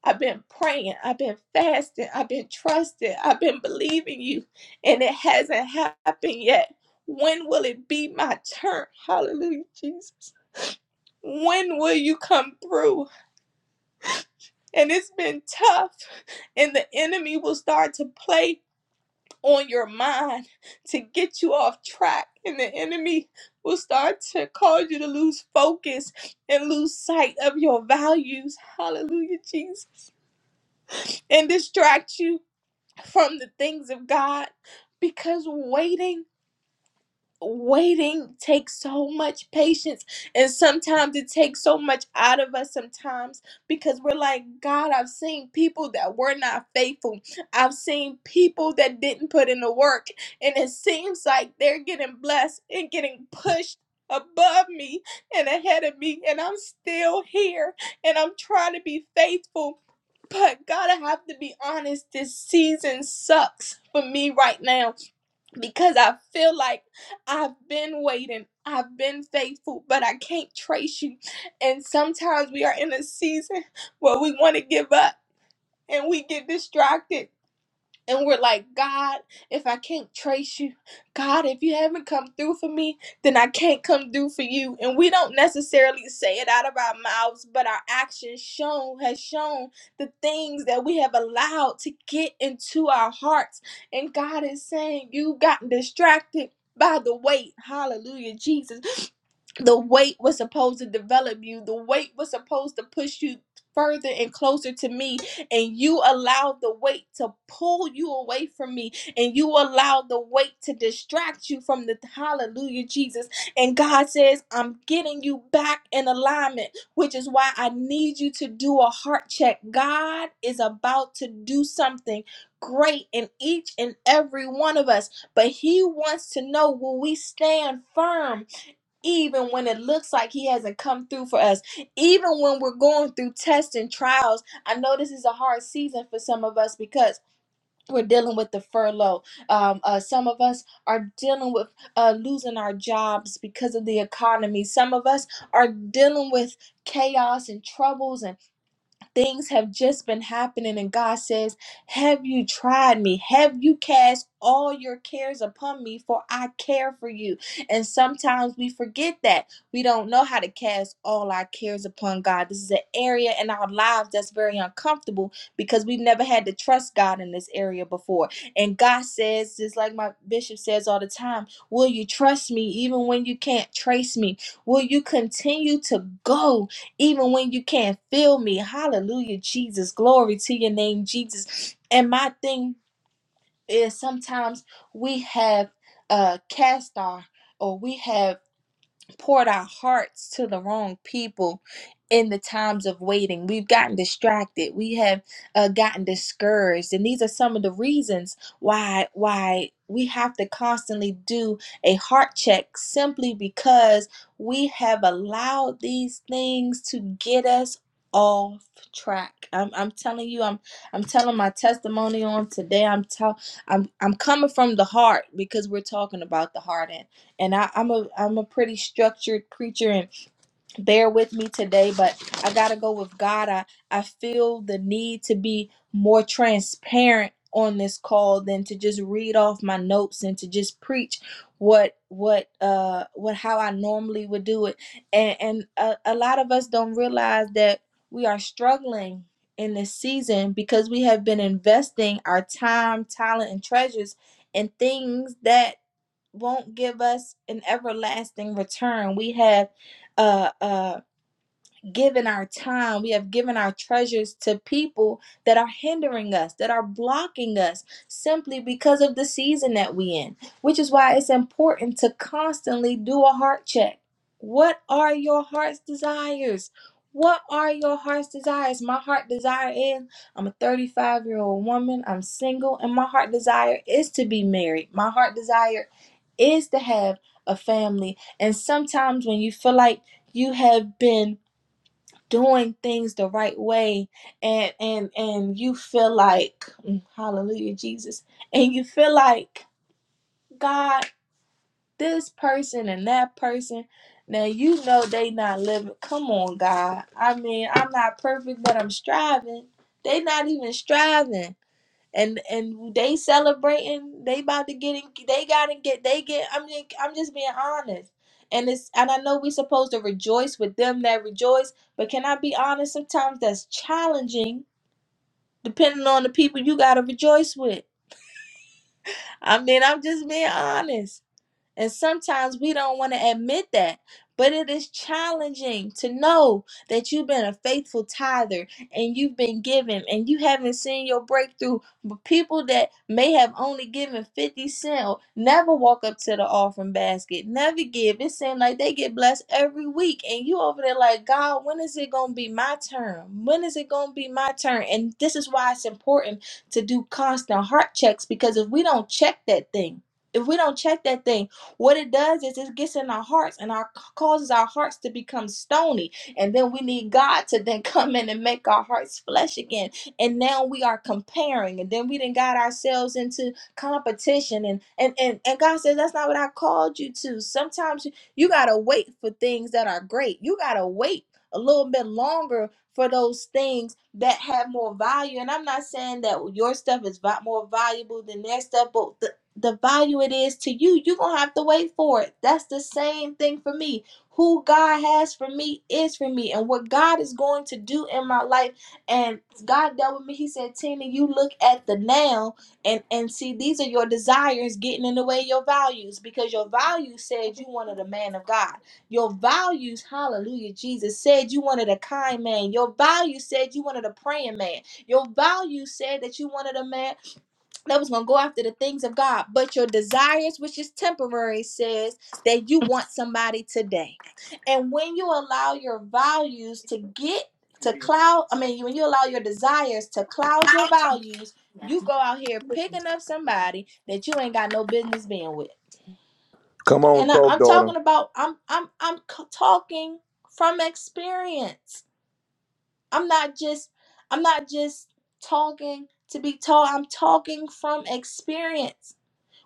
S9: I've been praying, I've been fasting, I've been trusting, I've been believing you, and it hasn't happened yet. When will it be my turn? Hallelujah, Jesus. When will you come through? And it's been tough, and the enemy will start to play on your mind to get you off track, and the enemy will start to cause you to lose focus and lose sight of your values. Hallelujah, Jesus. And distract you from the things of God because waiting waiting takes so much patience and sometimes it takes so much out of us sometimes because we're like god i've seen people that were not faithful i've seen people that didn't put in the work and it seems like they're getting blessed and getting pushed above me and ahead of me and i'm still here and i'm trying to be faithful but god i have to be honest this season sucks for me right now because I feel like I've been waiting, I've been faithful, but I can't trace you. And sometimes we are in a season *laughs* where we want to give up and we get distracted and we're like, God, if I can't trace you, God, if you haven't come through for me, then I can't come through for you. And we don't necessarily say it out of our mouths, but our actions shown has shown the things that we have allowed to get into our hearts. And God is saying, You got distracted by the weight. Hallelujah, Jesus the weight was supposed to develop you the weight was supposed to push you further and closer to me and you allowed the weight to pull you away from me and you allowed the weight to distract you from the hallelujah jesus and god says i'm getting you back in alignment which is why i need you to do a heart check god is about to do something great in each and every one of us but he wants to know will we stand firm even when it looks like he hasn't come through for us even when we're going through tests and trials i know this is a hard season for some of us because we're dealing with the furlough um, uh, some of us are dealing with uh, losing our jobs because of the economy some of us are dealing with chaos and troubles and. Things have just been happening, and God says, Have you tried me? Have you cast all your cares upon me? For I care for you. And sometimes we forget that. We don't know how to cast all our cares upon God. This is an area in our lives that's very uncomfortable because we've never had to trust God in this area before. And God says, just like my bishop says all the time, Will you trust me even when you can't trace me? Will you continue to go? even when you can't feel me. Hallelujah, Jesus. Glory to your name, Jesus. And my thing is sometimes we have uh cast our or we have poured our hearts to the wrong people in the times of waiting. We've gotten distracted. We have uh, gotten discouraged, and these are some of the reasons why why we have to constantly do a heart check simply because we have allowed these things to get us off track. I'm, I'm telling you, I'm I'm telling my testimony on today. I'm tell I'm I'm coming from the heart because we're talking about the heart and and I, I'm a I'm a pretty structured creature and bear with me today, but I gotta go with God. I, I feel the need to be more transparent on this call than to just read off my notes and to just preach what what uh what how I normally would do it. And and a, a lot of us don't realize that we are struggling in this season because we have been investing our time, talent, and treasures in things that won't give us an everlasting return. We have uh, uh, given our time, we have given our treasures to people that are hindering us, that are blocking us simply because of the season that we in, which is why it's important to constantly do a heart check. What are your heart's desires? What are your heart's desires? My heart desire is I'm a 35 year old woman, I'm single, and my heart desire is to be married. My heart desire is to have a family. And sometimes when you feel like you have been doing things the right way and and and you feel like mm, hallelujah jesus and you feel like god this person and that person now you know they not living come on god i mean i'm not perfect but i'm striving they not even striving and and they celebrating they about to get in they gotta get they get i mean, i'm just being honest and it's and i know we supposed to rejoice with them that rejoice but can i be honest sometimes that's challenging depending on the people you gotta rejoice with i mean i'm just being honest and sometimes we don't want to admit that. But it is challenging to know that you've been a faithful tither and you've been giving, and you haven't seen your breakthrough. But people that may have only given 50 cents or never walk up to the offering basket, never give. It seems like they get blessed every week. And you over there like, God, when is it going to be my turn? When is it going to be my turn? And this is why it's important to do constant heart checks because if we don't check that thing, if we don't check that thing, what it does is it gets in our hearts and our causes our hearts to become stony. And then we need God to then *laughs* come in and make our hearts flesh again. And now we are comparing. And then we then got ourselves into competition. And and and, and God says that's not what I called you to. Sometimes you you gotta wait for things that are great. You gotta wait a little bit longer for those things that have more value. And I'm not saying that your stuff is va- more valuable than their stuff, but the value it is to you, you're going to have to wait for it. That's the same thing for me. Who God has for me is for me, and what God is going to do in my life. And God dealt with me. He said, Tina, you look at the now and, and see, these are your desires getting in the way of your values because your values said you wanted a man of God. Your values, hallelujah, Jesus, said you wanted a kind man. Your values said you wanted a praying man. Your values said that you wanted a man that was going to go after the things of God. But your desires, which is temporary, says that you want somebody today. And when you allow your values to get to cloud, I mean, when you allow your desires to cloud your values, you go out here picking up somebody that you ain't got no business being with.
S1: Come on,
S9: Can I?
S1: talk,
S9: I'm
S1: daughter.
S9: talking about. I'm I'm I'm c- talking from experience. I'm not just. I'm not just talking to be told. I'm talking from experience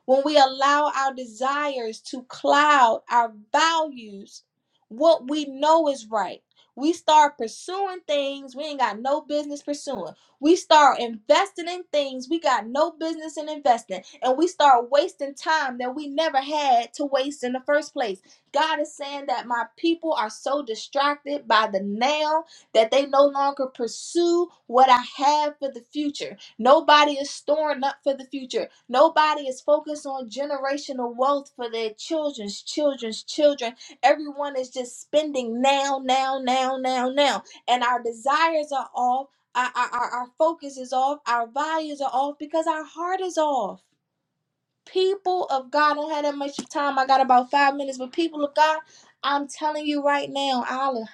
S9: when we allow our desires to cloud our values, what we know is right. We start pursuing things we ain't got no business pursuing. We start investing in things we got no business in investing. And we start wasting time that we never had to waste in the first place. God is saying that my people are so distracted by the now that they no longer pursue what I have for the future. Nobody is storing up for the future. Nobody is focused on generational wealth for their children's children's children. Everyone is just spending now, now, now, now, now. And our desires are off. Our, our, our focus is off. Our values are off because our heart is off people of God, I don't have that much time. I got about five minutes, but people of God, I'm telling you right now,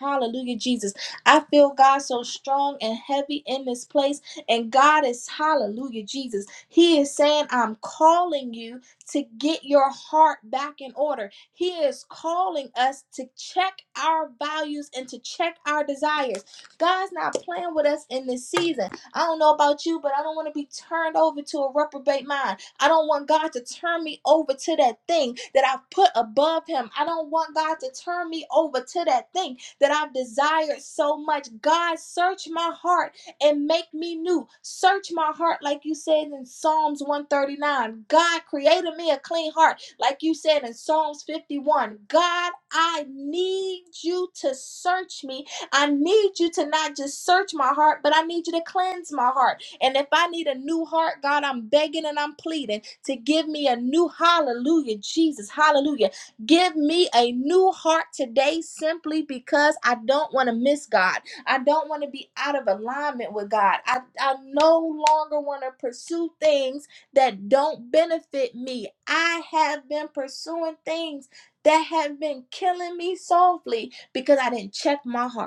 S9: hallelujah, Jesus. I feel God so strong and heavy in this place, and God is hallelujah, Jesus. He is saying, I'm calling you to get your heart back in order. He is calling us to check our values and to check our desires. God's not playing with us in this season. I don't know about you, but I don't want to be turned over to a reprobate mind. I don't want God to turn me over to that thing that I've put above Him. I don't want God to turn me over to that thing that I've desired so much. God, search my heart and make me new. Search my heart, like you said in Psalms 139. God created me a clean heart, like you said in Psalms 51. God, I need you to search me. I need you to not just search my heart, but I need you to cleanse my heart. And if I need a new heart, God, I'm begging and I'm pleading to give me a new hallelujah, Jesus, hallelujah. Give me a new heart today simply because I don't want to miss God. I don't want to be out of alignment with God. I, I no longer want to pursue things that don't benefit me. I have been pursuing things that have been killing me softly because I didn't check my heart.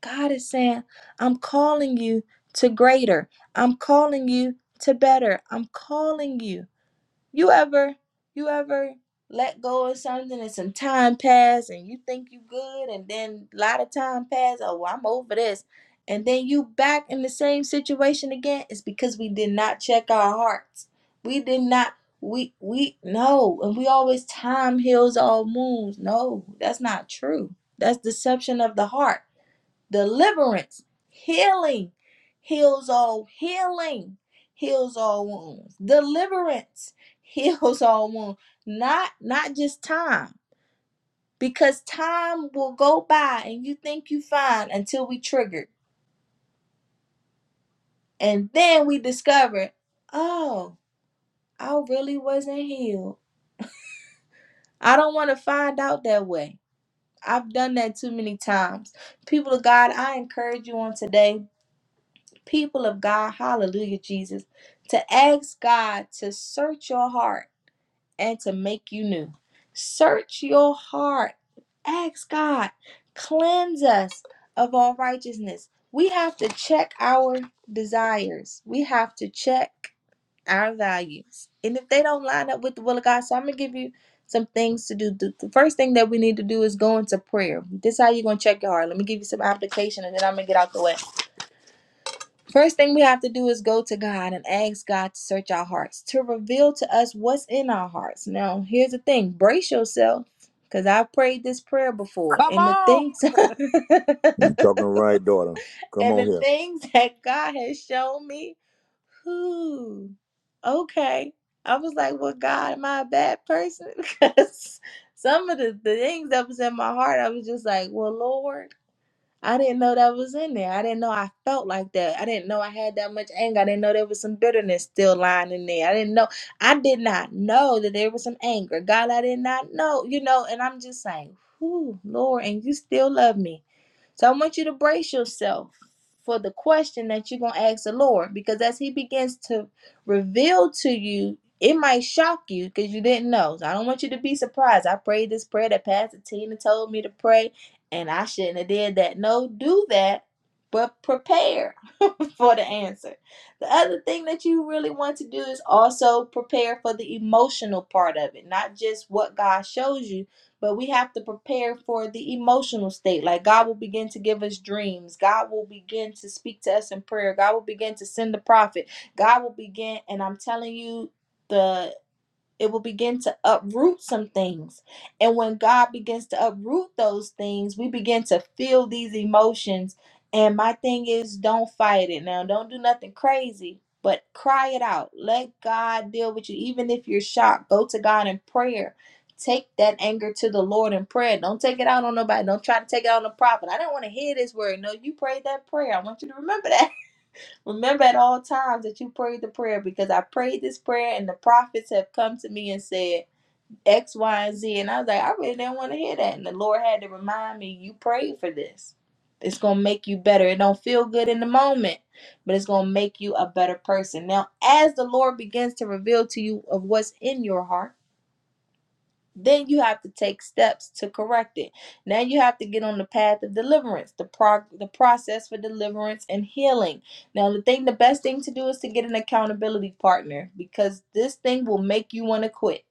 S9: God is saying, I'm calling you to greater. I'm calling you to better. I'm calling you. You ever, you ever let go of something and some time pass and you think you good and then a lot of time pass. Oh, well, I'm over this. And then you back in the same situation again. It's because we did not check our hearts. We did not, we, we, no. And we always time heals all wounds. No, that's not true. That's deception of the heart deliverance, healing, heals all healing, heals all wounds, deliverance, *laughs* heals all wounds. Not not just time, because time will go by and you think you fine until we triggered, and then we discover, oh, I really wasn't healed. I don't want to find out that way. I've done that too many times. People of God, I encourage you on today. people of God, hallelujah, Jesus, to ask God to search your heart and to make you new. Search your heart. Ask God, cleanse us of all righteousness. We have to check our desires, we have to check our values. And if they don't line up with the will of God, so I'm going to give you some things to do. The the first thing that we need to do is go into prayer. This is how you're going to check your heart. Let me give you some application and then I'm going to get out the way First thing we have to do is go to God and ask God to search our hearts, to reveal to us what's in our hearts. Now, here's the thing brace yourself, because I've prayed this prayer before,
S2: Come
S9: and the
S2: on.
S9: things *laughs* and
S1: You talking right, daughter. Come on
S9: the
S1: here.
S9: things that God has shown me, whoo, okay. I was like, well, God, am I a bad person? *laughs* Because some of the, the things that was in my heart, I was just like, well, Lord. I didn't know that was in there. I didn't know I felt like that. I didn't know I had that much anger. I didn't know there was some bitterness still lying in there. I didn't know. I did not know that there was some anger. God, I did not know, you know, and I'm just saying, whoo, Lord, and you still love me. So I want you to brace yourself for the question that you're going to ask the Lord because as He begins to reveal to you, it might shock you because you didn't know. So I don't want you to be surprised. I prayed this prayer that Pastor Tina told me to pray and I shouldn't have did that. No, do that, but prepare *laughs* for the answer. The other thing that you really want to do is also prepare for the emotional part of it, not just what God shows you, but we have to prepare for the emotional state. Like God will begin to give us dreams. God will begin to speak to us in prayer. God will begin to send the prophet. God will begin, and I'm telling you, the it will begin to uproot some things. And when God begins to uproot those things, we begin to feel these emotions. And my thing is, don't fight it now. Don't do nothing crazy, but cry it out. Let God deal with you. Even if you're shocked, go to God in prayer. Take that anger to the Lord in prayer. Don't take it out on nobody. Don't try to take it out on the prophet. I don't want to hear this word. No, you prayed that prayer. I want you to remember that. Remember at all times that you prayed the prayer because I prayed this prayer and the prophets have come to me and said X, Y, and Z. And I was like, I really didn't want to hear that. And the Lord had to remind me, you prayed for this. It's going to make you better. It don't feel good in the moment, but it's going to make you a better person. Now, as the Lord begins to reveal to you of what's in your heart, then you have to take steps to correct it. Now you have to get on the path of deliverance, the prog- the process for deliverance and healing. Now the thing the best thing to do is to get an accountability partner because this thing will make you want to quit.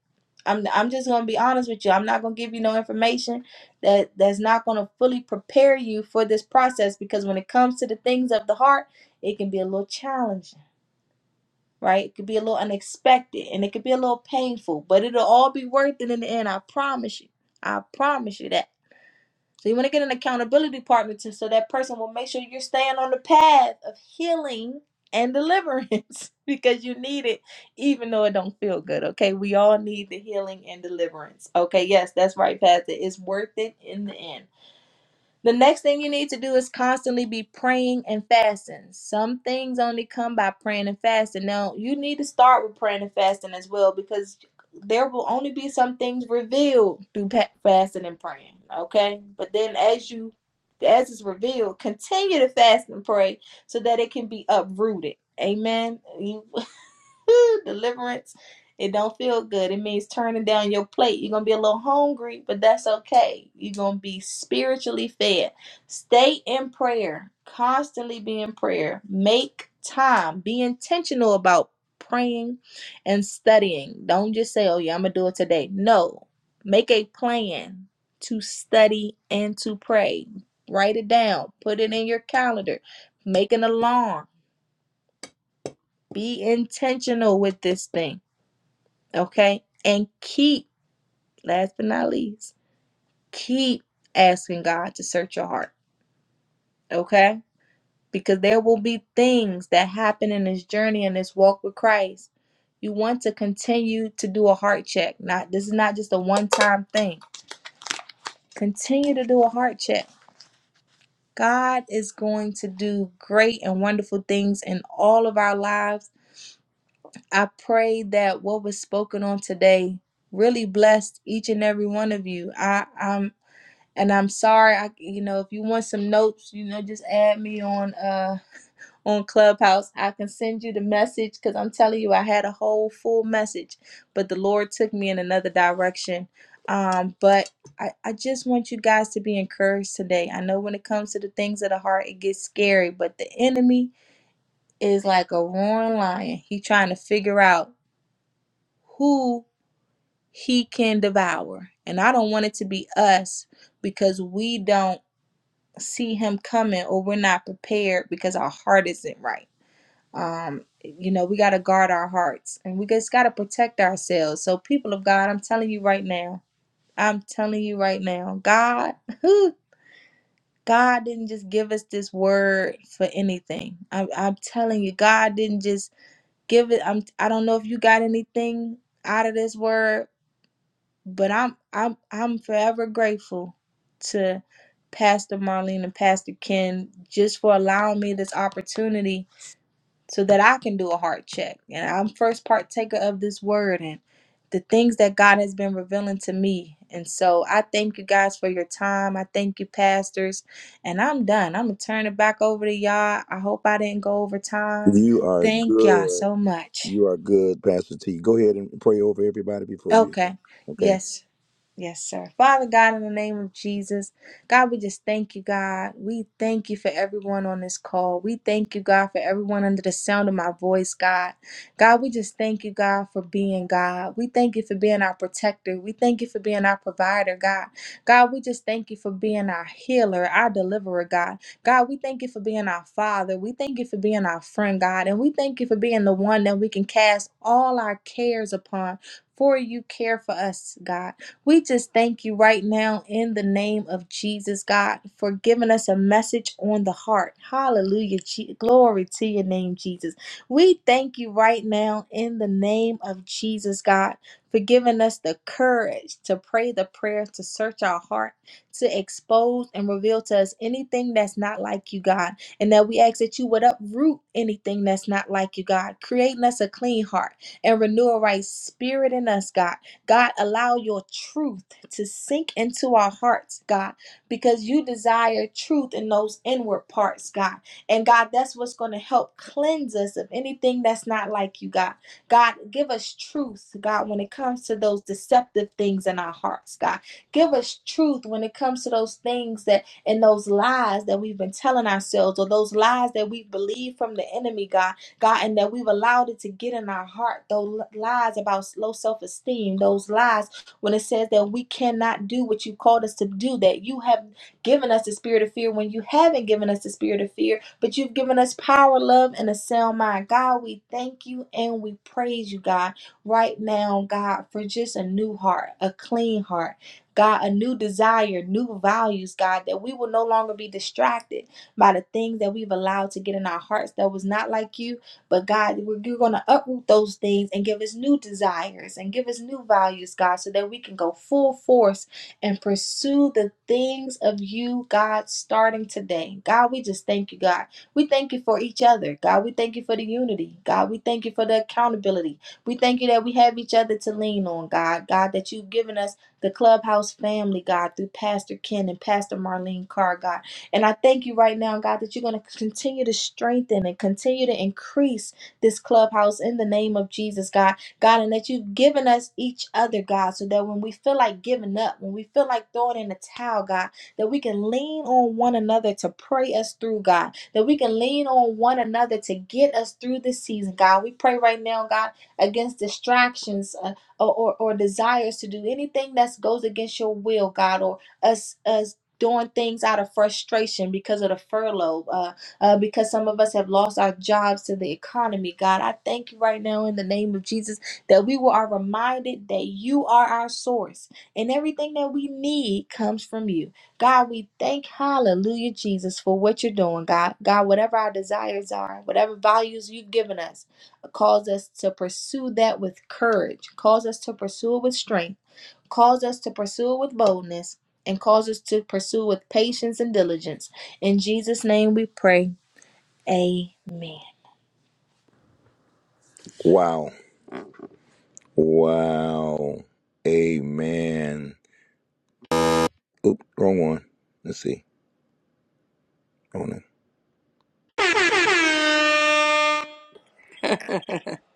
S9: I'm I'm just going to be honest with you. I'm not going to give you no information that that's not going to fully prepare you for this process because when it comes to the things of the heart, it can be a little challenging right? It could be a little unexpected and it could be a little painful, but it'll all be worth it in the end. I promise you. I promise you that. So you want to get an accountability partner to so that person will make sure you're staying on the path of healing and deliverance *laughs* because you need it even though it don't feel good. Okay? We all need the healing and deliverance. Okay? Yes, that's right, Pastor. It's worth it in the end. The next thing you need to do is constantly be praying and fasting. Some things only come by praying and fasting. Now, you need to start with praying and fasting as well because there will only be some things revealed through pa- fasting and praying, okay? But then as you as it's revealed, continue to fast and pray so that it can be uprooted. Amen. You. *laughs* Deliverance. It don't feel good. It means turning down your plate. You're gonna be a little hungry, but that's okay. You're gonna be spiritually fed. Stay in prayer. Constantly be in prayer. Make time. Be intentional about praying and studying. Don't just say, Oh yeah, I'm gonna do it today. No. Make a plan to study and to pray. Write it down. Put it in your calendar. Make an alarm. Be intentional with this thing. Okay. And keep, last but not least, keep asking God to search your heart. Okay. Because there will be things that happen in this journey and this walk with Christ. You want to continue to do a heart check. Not this is not just a one-time thing. Continue to do a heart check. God is going to do great and wonderful things in all of our lives. I pray that what was spoken on today really blessed each and every one of you. I, am and I'm sorry, I you know, if you want some notes, you know, just add me on uh on Clubhouse. I can send you the message because I'm telling you, I had a whole full message, but the Lord took me in another direction. Um, but I, I just want you guys to be encouraged today. I know when it comes to the things of the heart, it gets scary, but the enemy is like a roaring lion. He trying to figure out who he can devour. And I don't want it to be us because we don't see him coming or we're not prepared because our heart isn't right. Um, you know, we got to guard our hearts and we just got to protect ourselves. So, people of God, I'm telling you right now, I'm telling you right now, God, who God didn't just give us this word for anything. I'm, I'm telling you, God didn't just give it. I'm, I don't know if you got anything out of this word, but I'm I'm I'm forever grateful to Pastor Marlene and Pastor Ken just for allowing me this opportunity so that I can do a heart check. And I'm first partaker of this word and the things that God has been revealing to me. And so I thank you guys for your time. I thank you, pastors. And I'm done. I'm going to turn it back over to y'all. I hope I didn't go over time.
S1: You are
S9: Thank y'all
S1: good.
S9: so much.
S1: You are good, Pastor T. Go ahead and pray over everybody before you. yeah.
S9: Okay.
S1: Okay.
S9: Yes. Yes, sir. Father God, in the name of Jesus, God, we just thank you, God. We thank you for everyone on this call. We thank you, God, for everyone under the sound of my voice, God. God, we just thank you, God, for being God. We thank you for being our protector. We thank you for being our provider, God. God, we just thank you for being our healer, our deliverer, God. God, we thank you for being our father. We thank you for being our friend, God. And we thank you for being the one that we can cast all our cares upon. For you care for us, God. We just thank you right now in the name of Jesus, God, for giving us a message on the heart. Hallelujah. Je- Glory to your name, Jesus. We thank you right now in the name of Jesus, God, for giving us the courage to pray the prayer, to search our heart, to expose and reveal to us anything that's not like you, God. And that we ask that you would uproot anything that's not like you, God, creating us a clean heart and renew a right spirit in us, God. God, allow your truth to sink into our hearts, God, because you desire truth in those inward parts, God. And God, that's what's going to help cleanse us of anything that's not like you, God. God, give us truth, God, when it comes to those deceptive things in our hearts, God. Give us truth when it comes to those things that and those lies that we've been telling ourselves or those lies that we believe from the enemy, God God, and that we've allowed it to get in our heart, those lies about low self esteem, those lies when it says that we cannot do what you called us to do, that you have given us the spirit of fear when you haven't given us the spirit of fear, but you've given us power, love, and a sound mind. God, we thank you and we praise you, God, right now, God, for just a new heart, a clean heart. God, a new desire, new values, God, that we will no longer be distracted by the things that we've allowed to get in our hearts that was not like you but God, we're, you're going to uproot those things and give us new desires and give us new values, God, so that we can go full force and pursue the things of you, God, starting today. God, we just thank you, God. We thank you for each other. God, we thank you for the unity. God, we thank you for the accountability. We thank you that we have each other to lean on, God. God, that you've given us the clubhouse family, God, through Pastor Ken and Pastor Marlene Carr, God. And I thank you right now, God, that you're going to continue to strengthen and continue to increase this clubhouse in the name of Jesus, God. God, and that you've given us each other, God, so that when we feel like giving up, when we feel like throwing in the towel, God, that we can lean on one another to pray us through, God, that we can lean on one another to get us through this season, God. We pray right now, God, against distractions uh, or, or, or desires to do anything that goes against your will, God, or us us doing things out of frustration because of the furlough, uh, uh, because some of us have lost our jobs to the economy. God, I thank you right now in the name of Jesus that we are reminded that you are our source and everything that we need comes from you. God, we thank, hallelujah, Jesus, for what you're doing, God. God, whatever our desires are, whatever values you've given us, cause us to pursue that with courage, cause us to pursue it with strength calls us to pursue with boldness and calls us to pursue with patience and diligence. In Jesus' name we pray. Amen.
S1: Wow. Wow. Amen. Oop, wrong one. Let's see. Wrong one. I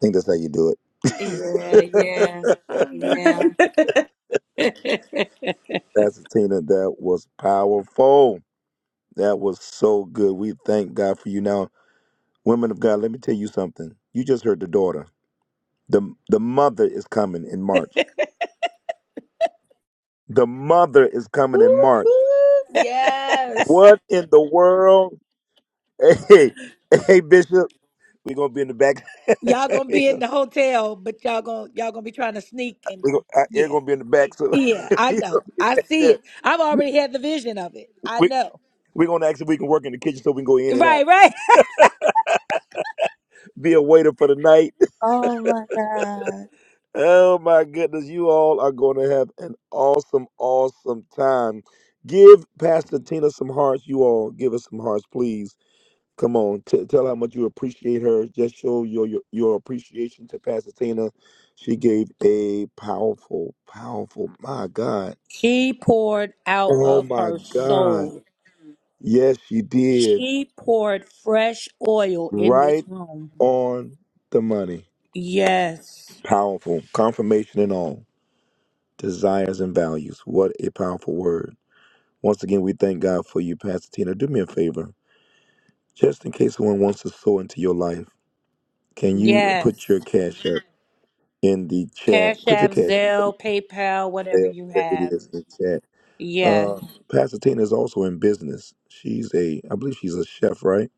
S1: think that's how you do it.
S2: Yeah, yeah,
S9: I'm done. *laughs*
S2: yeah. *laughs*
S1: Pastor Tina, that was powerful. That was so good. We thank God for you. Now, women of God, let me tell you something. You just heard the daughter. The the mother is coming in March. The mother is
S9: whoop,
S1: coming in March.
S9: whoop. Yes.
S1: What in the world? *laughs* Hey, hey, Bishop. We're gonna be in the back.
S2: Y'all
S1: *laughs*
S2: gonna
S1: we
S2: be in
S1: gonna,
S2: the hotel, but y'all gonna y'all gonna be trying to sneak and
S1: we gonna, I- you're
S2: yeah,
S1: gonna be in the back, so
S2: yeah.
S1: *laughs*
S2: I
S1: we gonna
S2: know.
S1: be
S2: I
S1: back
S2: see
S1: there.
S2: it. I've already had the vision of it. I
S1: We
S2: know.
S1: we're gonna ask if we can work in the kitchen so we can go in and out.
S2: Right, right. *laughs*
S1: Be a waiter for the night.
S2: Oh my
S1: *laughs*
S2: God.
S1: Oh my goodness, you all are going to have an awesome, awesome time. Give Pastor Tina some hearts. You all give us some hearts, please. Come on, t- tell how much you appreciate her. Just show your, your your appreciation to Pastor Tina. She gave a powerful, powerful. My God.
S2: She poured out
S1: Oh
S2: of
S1: my
S2: her
S1: God.
S2: soul.
S1: Yes, she did.
S2: She poured fresh oil in this
S1: Right
S2: room.
S1: on the money.
S2: Yes.
S1: Powerful confirmation and all. Desires and values. What a powerful word. Once again, we thank God for you, Pastor Tina. Do me a favor. Just in case someone wants to sow into your life, can you
S2: Yes.
S1: put your cash app in the chat?
S2: Cash
S1: Put your
S2: App,
S1: cash app,
S2: Zelle, PayPal, whatever
S1: whatever
S2: you
S1: it
S2: have.
S1: is, in the chat.
S2: Yes.
S1: Uh, Pastor Tina is also in business. She's a, I believe she's a chef, right?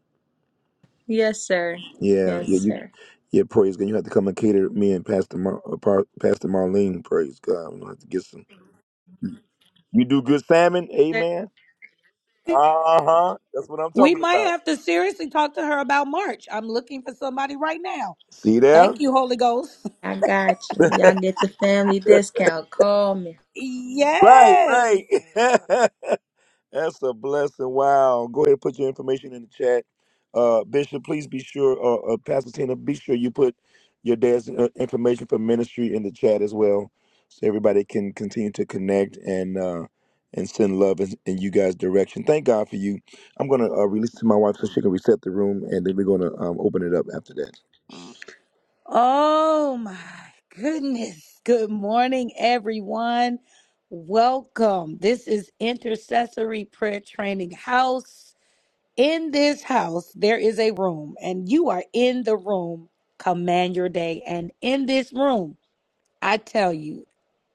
S9: Yes, sir.
S1: Yeah,
S9: Yes,
S1: yeah, you,
S9: sir.
S1: yeah, praise God. You have to come and cater me and Pastor, Mar- uh, Par- Pastor Marlene, praise God. I'm going to have to get some. You do good salmon, amen? Uh huh. That's what I'm
S2: We
S1: talking
S2: might
S1: about.
S2: have to seriously talk to her about March. I'm looking for somebody right now.
S1: See there?
S2: Thank you, Holy Ghost. *laughs*
S9: I got you. Y'all get the family discount. Call me.
S1: Right,
S2: Yes.
S1: right. *laughs* That's a blessing. Wow. Go ahead and put your information in the chat. Uh, Bishop, please be sure, uh, uh, Pastor Tina, be sure you put your dad's uh, information for ministry in the chat as well so everybody can continue to connect and uh, and send love in, in you guys' direction. Thank God for you. I'm going to uh, release to my wife so she can reset the room, and then we're going to um, open it up after that
S2: Oh my goodness. Good morning, everyone. Welcome. This is Intercessory Prayer Training House. In this house, there is a room, and you are in the room. Command your day. And in this room, I tell you,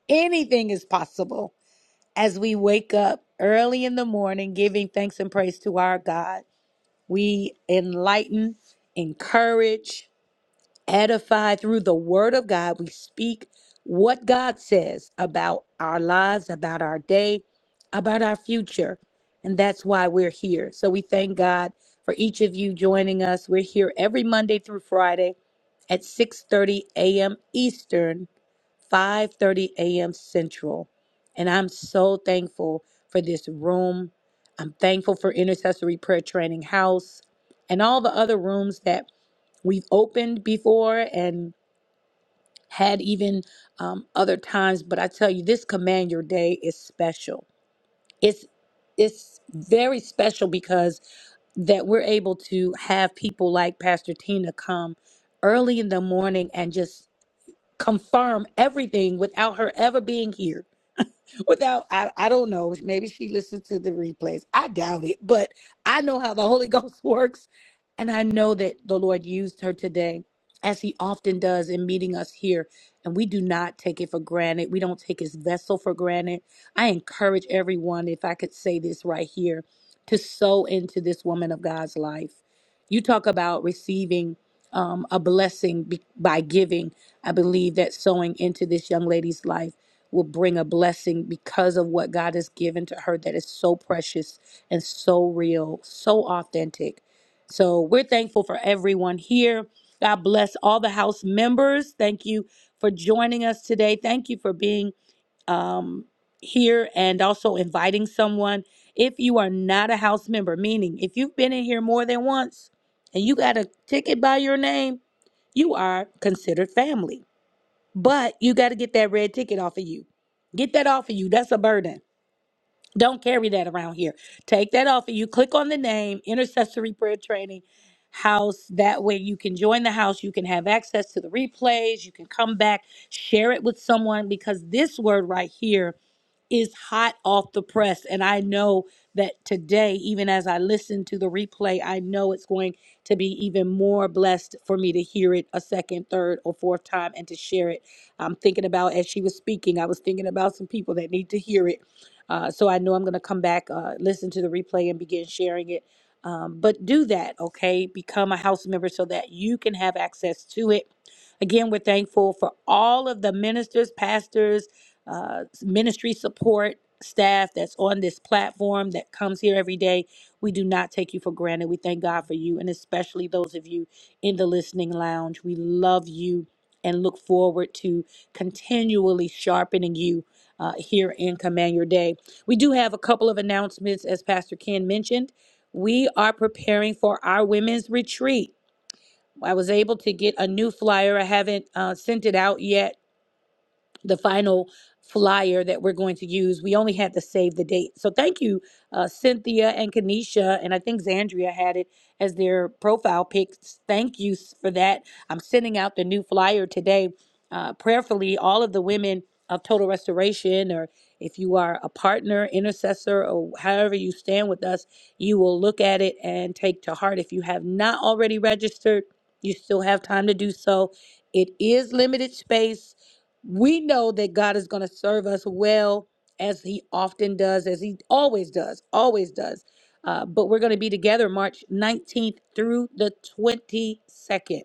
S2: anything is possible as we wake up early in the morning, giving thanks and praise to our God. We enlighten, encourage, edify through the word of God. We speak what God says about our lives, about our day, about our future. And that's why we're here. So we thank God for each of you joining us. We're here every Monday through Friday at 6:30 a.m. Eastern 5:30 a.m. Central. And I'm so thankful for this room. I'm thankful for Intercessory Prayer Training House and all the other rooms that we've opened before and had even um, other times. But I tell you, this Command Your Day is special. It's it's very special because that we're able to have people like Pastor Tina come early in the morning and just confirm everything without her ever being here without I, I don't know maybe she listened to the replays i doubt it but i know how the *laughs* holy ghost works and i know that the lord used her today as he often does in meeting us here and we do not take it for granted we don't take his vessel for granted i encourage everyone if i could say this right here to sow into this woman of god's life you talk about receiving um, a blessing be- by giving i believe that sowing into this young lady's life will bring a blessing because of what God has given to her that is so precious and so real, so authentic. So we're thankful for everyone here. God bless all the house members. Thank you for joining us today. Thank you for being um, here and also inviting someone. If you are not a house member, meaning if you've been in here more than once and you got a ticket by your name, you are considered family. But you got to get that red ticket off of you. Get that off of you. That's a burden. Don't carry that around here. Take that off of you. Click on the name, Intercessory Prayer Training House. That way you can join the house. You can have access to the replays. You can come back, share it with someone because this word right here is hot off the press. And I know that today, even as I listen to the replay, I know it's going to be even more blessed for me to hear it a second, third, or fourth time and to share it. I'm thinking about, as she was speaking, I was thinking about some people that need to hear it. Uh, so I know I'm going to come back, uh, listen to the replay, and begin sharing it. Um, but do that, okay? Become a house member so that you can have access to it. Again, we're thankful for all of the ministers, pastors, uh, ministry support staff that's on this platform that comes here every day. We do not take you for granted. We thank God for you, and especially those of you in the listening lounge. We love you and look forward to continually sharpening you uh, here in Command Your Day. We do have a couple of announcements, as Pastor Ken mentioned. We are preparing for our women's retreat. I was able to get a new flyer. I haven't uh, sent it out yet the final flyer that we're going to use. We only had to save the date. So thank you, uh, Cynthia and Kanisha, and I think Zandria had it as their profile pics. Thank you s- for that. I'm sending out the new flyer today. Uh, prayerfully, all of the women of Total Restoration, or if you are a partner, intercessor, or however you stand with us, you will look at it and take to heart. If you have not already registered, you still have time to do so. It is limited space we know that God is going to serve us well as he often does, as he always does, always does. Uh, but we're going to be together March 19th through the 22nd,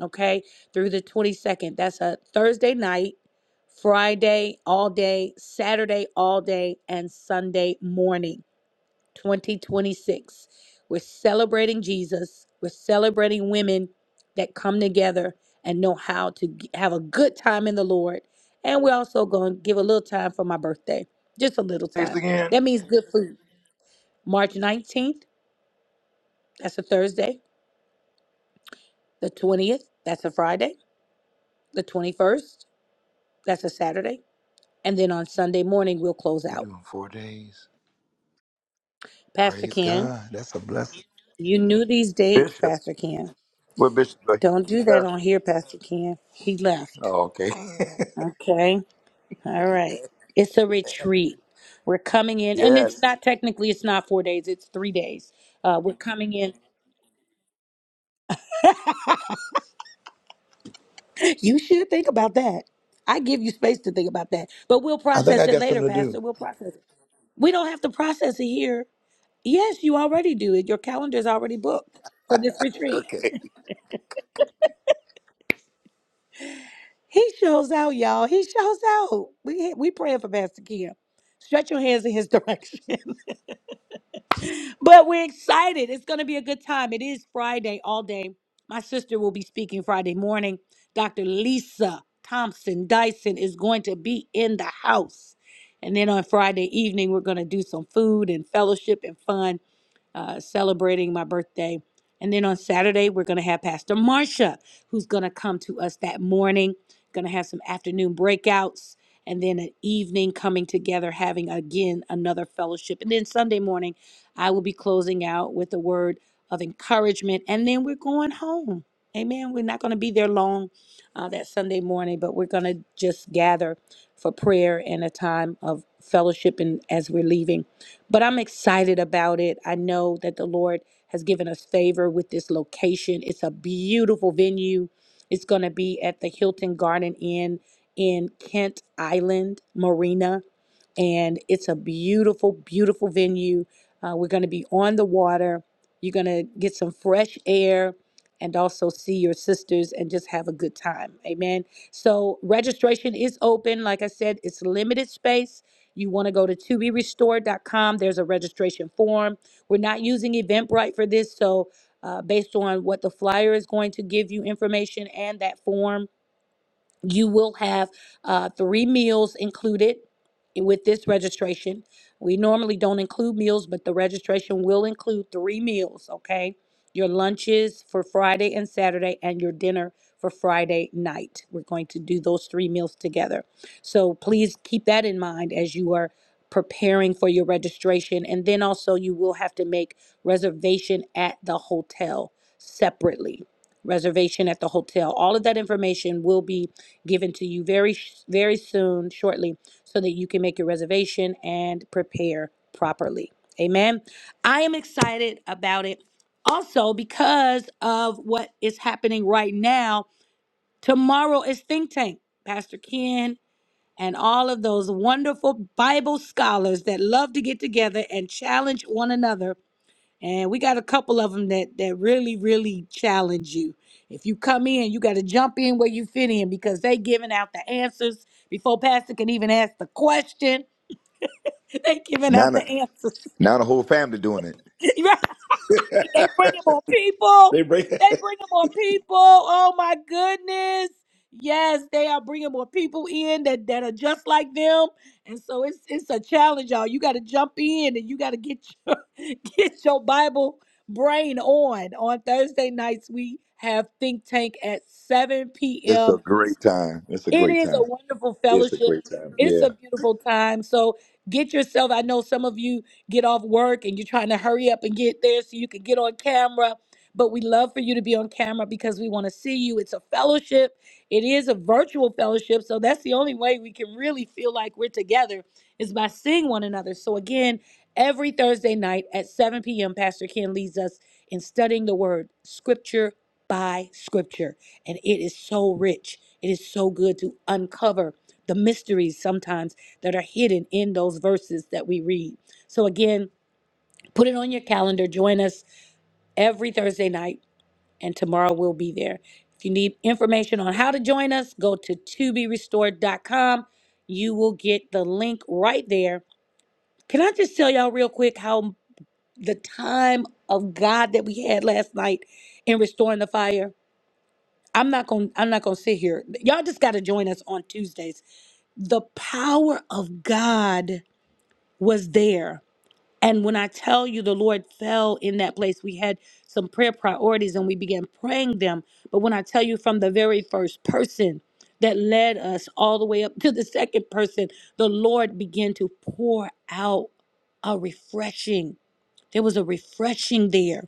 S2: okay? Through the 22nd. That's a Thursday night, Friday all day, Saturday all day, and Sunday morning. 2026. We're celebrating Jesus. We're celebrating women that come together and know how to g- have a good time in the Lord. And we're also going to give a little time for my birthday, just a little
S1: days
S2: time.
S1: again?
S2: That means good food. March 19th, that's a Thursday. The 20th, that's a Friday. The 21st, that's a Saturday. And then on Sunday morning, we'll close
S1: You
S2: out.
S1: doing four days?
S2: Pastor
S1: Praise
S2: Ken,
S1: God. That's a blessing.
S2: you knew these dates,
S1: Bishop.
S2: Pastor Ken.
S1: Where Bishop? go?
S2: Don't
S1: He
S2: do that
S1: left.
S2: on here, Pastor Ken. He left.
S1: Oh, okay.
S2: Okay. All right. It's a retreat. We're coming
S1: *laughs*
S2: in, and it's
S1: yes.
S2: not technically, it's not four days, it's three days. Uh, we're coming in. *clears throat* *laughs* You should think about that. I give you space to think about that, but we'll
S1: I think
S2: process
S1: I
S2: it
S1: got
S2: later,
S1: something to do.
S2: Pastor. We'll process it. We don't have to process it here. Yes, you already do it. Your calendar's already booked for this retreat.
S1: Okay.
S2: He shows out, y'all. He shows out. We we praying for Pastor Kim. Stretch your hands in his *laughs* direction. but we're excited. It's going to be a good time. It is Friday all day. My sister will be speaking Friday morning. Dr. Lisa Thompson Dyson is going to be in the house. And then on Friday evening, we're going to do some food and fellowship and fun uh, celebrating my birthday. And then on Saturday, we're going to have Pastor Marsha, who's going to come to us that morning, going to have some afternoon breakouts, and then an evening coming together, having again another fellowship. And then Sunday morning, I will be closing out with a word of encouragement, and then we're going home. Amen. We're not going to be there long uh, that Sunday morning, but we're going to just gather for prayer and a time of fellowship and as we're leaving but I'm excited about it. I know that the Lord has given us favor with this location. It's a beautiful venue. It's going to be at the Hilton Garden Inn in Kent Island Marina, and it's a beautiful, beautiful venue. Uh, we're going to be on the water. You're going to get some fresh air and also see your sisters and just have a good time. Amen. So, registration is open. Like I said, it's limited space. You want to go to toberestored.com. There's a registration form. We're not using Eventbrite for this, so uh, based on what the flyer is going to give you information and that form. You will have uh, three meals included with this registration. We normally don't include meals, but the registration will include three meals, okay? Your lunches for Friday and Saturday, and your dinner for Friday night. We're going to do those three meals together. So please keep that in mind as you are preparing for your registration. And then also, you will have to make reservation at the hotel separately. Reservation at the hotel. All of that information will be given to you very very soon shortly so that you can make your reservation and prepare properly amen i am excited about it also because of what is happening right now tomorrow is think tank pastor ken and all of those wonderful bible scholars that love to get together and challenge one another and we got a couple of them that that really, really challenge you. If you come in, you got to jump in where you fit in because they giving out the answers before Pastor can even ask the question. *laughs* They giving
S1: Now
S2: out the
S1: the,
S2: answers,
S1: now the whole family doing it.
S2: *laughs* right? They bringing more people.
S1: They break.
S2: They bringing more people. Oh my goodness. Yes, they are bringing more people in that, that are just like them. And so it's it's a challenge, y'all. You got to jump in and you got to get your, *laughs* get your Bible brain on. On Thursday nights, we have Think Tank at 7
S1: *laughs* it's a
S2: p.m.
S1: great time. It's a
S2: It
S1: great
S2: is a
S1: time.
S2: wonderful
S1: It's a
S2: fellowship.
S1: great time.
S2: It's
S1: Yeah.
S2: a beautiful time. So get yourself. I know some of you get off work and you're trying to hurry up and get there so you can get on camera. But we love for you to be on camera because we want to see you. It's a fellowship. It is a virtual fellowship. So that's the only way we can really feel like we're together is by seeing one another. So again, every Thursday night at 7 p.m., Pastor Ken leads us in studying the word, scripture by scripture. And it is so rich. It is so good to uncover the mysteries sometimes that are hidden in those verses that we read. So, again, put it on your calendar. Join us every Thursday night, and tomorrow we'll be there. If you need information on how to join us, go to to be restored dot com. You will get the link right there. Can I just tell y'all real quick how the time of God that we had last night in restoring the fire? I'm not going to I'm not going to sit here. Y'all just got to join us on Tuesdays the power of God was there. And when I tell you the Lord fell in that place, we had some prayer priorities and we began praying them. But when I tell you from the very first person that led us all the way up to the second person, the Lord began to pour out a refreshing. There was a refreshing there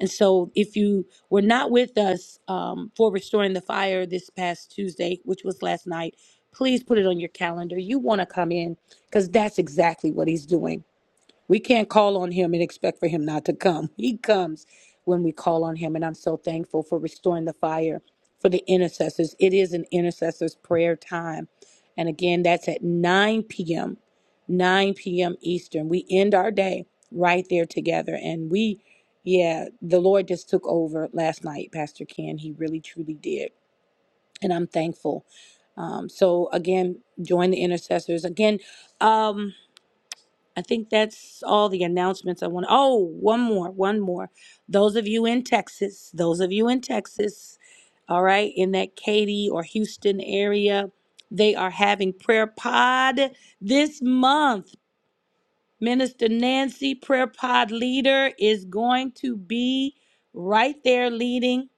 S2: and so, if you were not with us um, for Restoring the Fire this past Tuesday, which was last night, please put it on your calendar. You want to come in because that's exactly what he's doing we can't call on him and expect for him not to come. *laughs* He comes when we call on him. And I'm so thankful for restoring the fire for the intercessors. It is an intercessor's prayer time. And again, that's at 9 p.m., 9 p.m. Eastern. We end our day right there together. And we, yeah, the Lord just took over last night, Pastor Ken. He really, truly did. And I'm thankful. Um, so again, join the intercessors. Again, um, I think that's all the announcements I want. Oh, one more, one more. Those of you in Texas, those of you in Texas, all right, in that Katy or Houston area, they are having prayer pod this month. Minister Nancy, prayer pod leader, is going to be right there leading,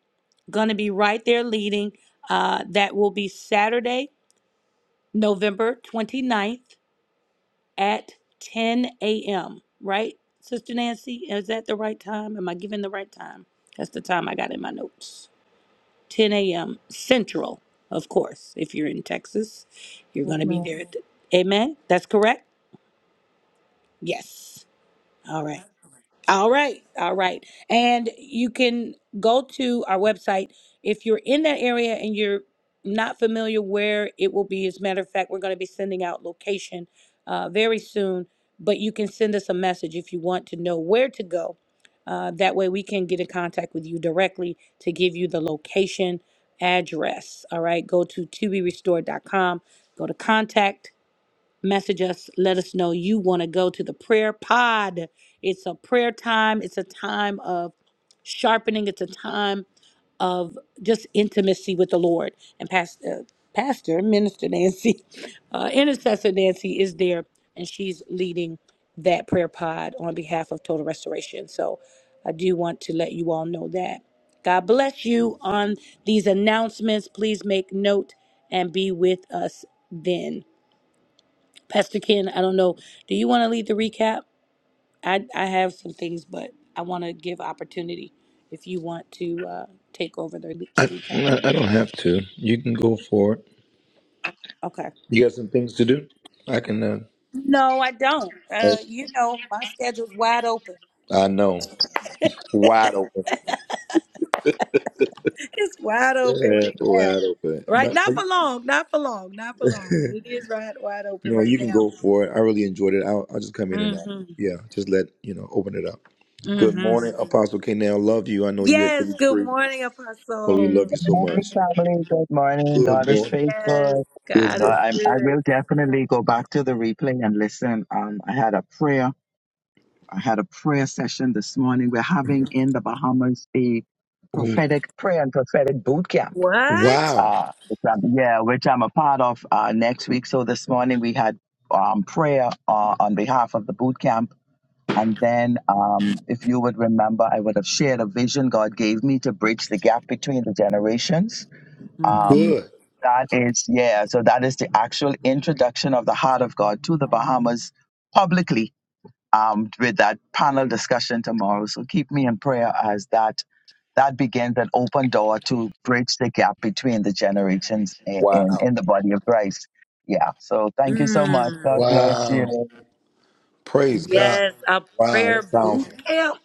S2: going to be right there leading. Uh, that will be Saturday, November twenty ninth at 10 a.m., right, Sister Nancy? Is that the right time? Am I giving the right time? That's the time I got in my notes. 10 a.m. Central, of course. If you're in Texas, you're
S7: yes,
S2: going to be
S7: ma'am.
S2: there. At the, amen? That's correct? Yes. All right. All right, all right. And you can go to our website. If you're in that area and you're not familiar where it will be, as a matter of fact, we're going to be sending out location uh, very soon, but you can send us a message if you want to know where to go. Uh, that way we can get in contact with you directly to give you the location address. All right, go to toberestored.com, go to contact, message us. Let us know you want to go to the prayer pod. It's a prayer time, it's a time of sharpening, it's a time of just intimacy with the Lord. And Pastor, Pastor Minister Nancy, *laughs* uh, Intercessor Nancy is there, and she's leading that prayer pod on behalf of Total Restoration. So I do want to let you all know that. God bless you on these announcements. Please make note and be with us then. Pastor Ken, I don't know. Do you want to lead the recap? I, I have some things, but I want to give opportunity if you want to uh, take over the le-
S1: I,
S2: recap.
S1: I I don't have to. You can go for it.
S2: Okay.
S1: You got some things to do. I can. Uh,
S2: No, I don't. Uh,
S1: I,
S2: you know, my schedule's wide open. *laughs*
S1: I know. Wide open.
S2: It's wide open
S1: Yeah,
S2: right now.
S1: wide open.
S2: Right?
S1: No,
S2: Not for
S1: *laughs*
S2: long. Not for long. Not for long. But it is right wide open
S1: no,
S2: right
S1: you can
S2: now.
S1: go for it. I really enjoyed it. I'll, I'll just come in and out.
S2: Mm-hmm.
S1: Yeah, just let you know. Open it up. Good
S2: Mm-hmm.
S1: morning, Apostle K. Now, love you. I know you at the
S2: Yes. Good
S1: retreat,
S2: morning,
S1: but we
S2: Apostle.
S1: love you so
S10: Hey
S1: much.
S10: family, good morning.
S1: Good
S10: God is
S1: morning.
S2: Yes.
S10: faithful.
S1: Good
S2: God
S10: God,
S2: is
S1: morning.
S10: I, I
S2: good.
S10: will definitely go back to the replay and listen. Um, I had a prayer. I had a prayer session this morning. We're having in the Bahamas a
S1: Oh,
S10: prophetic prayer and prophetic boot camp.
S2: What?
S1: wow.
S10: Uh, which I'm, yeah, which I'm a part of uh, next week. So this morning we had um, prayer uh, on behalf of the boot camp. And then, um, if you would remember, I would have shared a vision God gave me to bridge the gap between the generations um,
S1: Good.
S10: that is, yeah, so that is the actual introduction of the heart of God to the Bahamas publicly um, with that panel discussion tomorrow. So keep me in prayer as that that begins an open door to bridge the gap between the generations in, in,
S1: Wow.
S10: in the body of Christ. Yeah, so thank you so much.
S2: Mm.
S10: God bless
S1: Wow.
S10: you.
S1: Praise God.
S2: Yes, a
S1: Wow.
S2: prayer
S1: That sounds
S2: boot camp.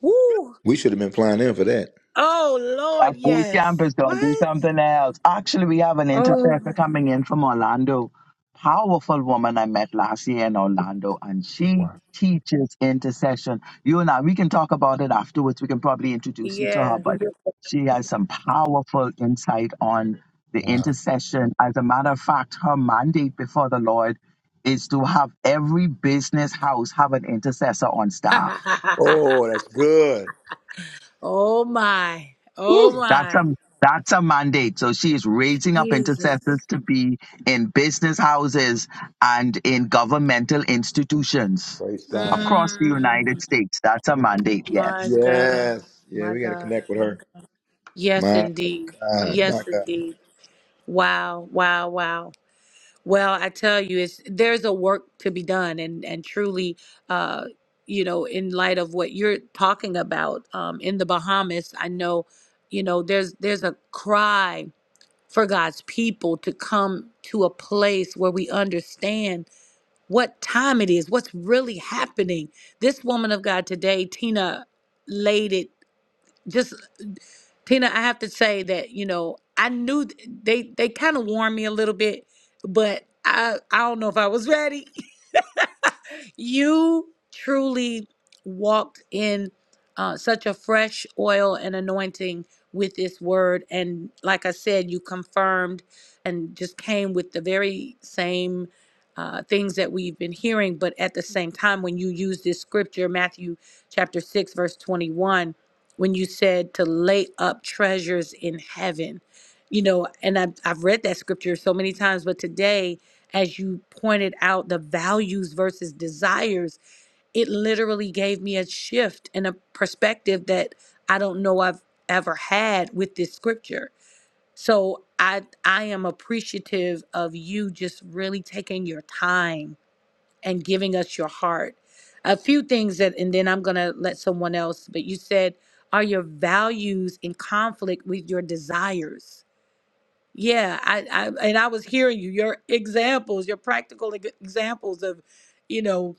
S2: Woo!
S1: We should have been flying in for that.
S2: Oh Lord,
S10: That boot camp
S2: yes.
S10: is going to do
S2: What?
S10: something else. Actually, we have an
S2: Oh, my
S10: intercessor
S2: God.
S10: coming in from Orlando. Powerful woman I met last year in Orlando, and she teaches intercession. You and I, we can talk about it afterwards. We can probably introduce you to her,
S2: yes.
S10: but she has some powerful insight on the
S1: Wow.
S10: intercession. As a matter of fact, her mandate before the Lord is to have every business house have an intercessor on
S2: *laughs*
S10: staff.
S1: Oh, that's good.
S2: oh my. Oh
S10: That's a
S2: my.
S10: that's a mandate. So she is raising up
S2: Jesus.
S10: intercessors to be in business houses and in governmental institutions
S1: Praise God.
S10: across the United
S2: Mm,
S10: States. That's a mandate,
S2: my
S10: yes.
S2: God.
S1: Yes. Yeah,
S2: My
S1: we got to
S2: God.
S1: connect with
S2: My
S1: her.
S2: God. Yes
S1: My
S2: indeed.
S1: God. My
S2: Yes indeed. Wow. Wow. Wow. Well, I tell you, it's there's a work to be done, and and truly, uh, you know, in light of what you're talking about, um, in the Bahamas, I know, you know, there's there's a cry for God's people to come to a place where we understand what time it is, what's really happening. This woman of God today, Tina, laid it. just. Tina, I have to say that you know I knew th- they they kind of warned me a little bit, but I I don't know if I was ready. *laughs* you truly walked in uh, such a fresh oil and anointing with this word. And like I said, you confirmed and just came with the very same uh, things that we've been hearing. But at the same time, when you use this scripture, Matthew chapter 6, verse 21, when you said to lay up treasures in heaven, you know, and I've, I've read that scripture so many times, but today, as you pointed out, the values versus desires, it literally gave me a shift and a perspective that I don't know I've ever had with this scripture. So I I am appreciative of you just really taking your time and giving us your heart. A few things that and then I'm gonna let someone else, but you said, are your values in conflict with your desires? Yeah, I, I and I was hearing you, your examples, your practical ex- examples of, you know,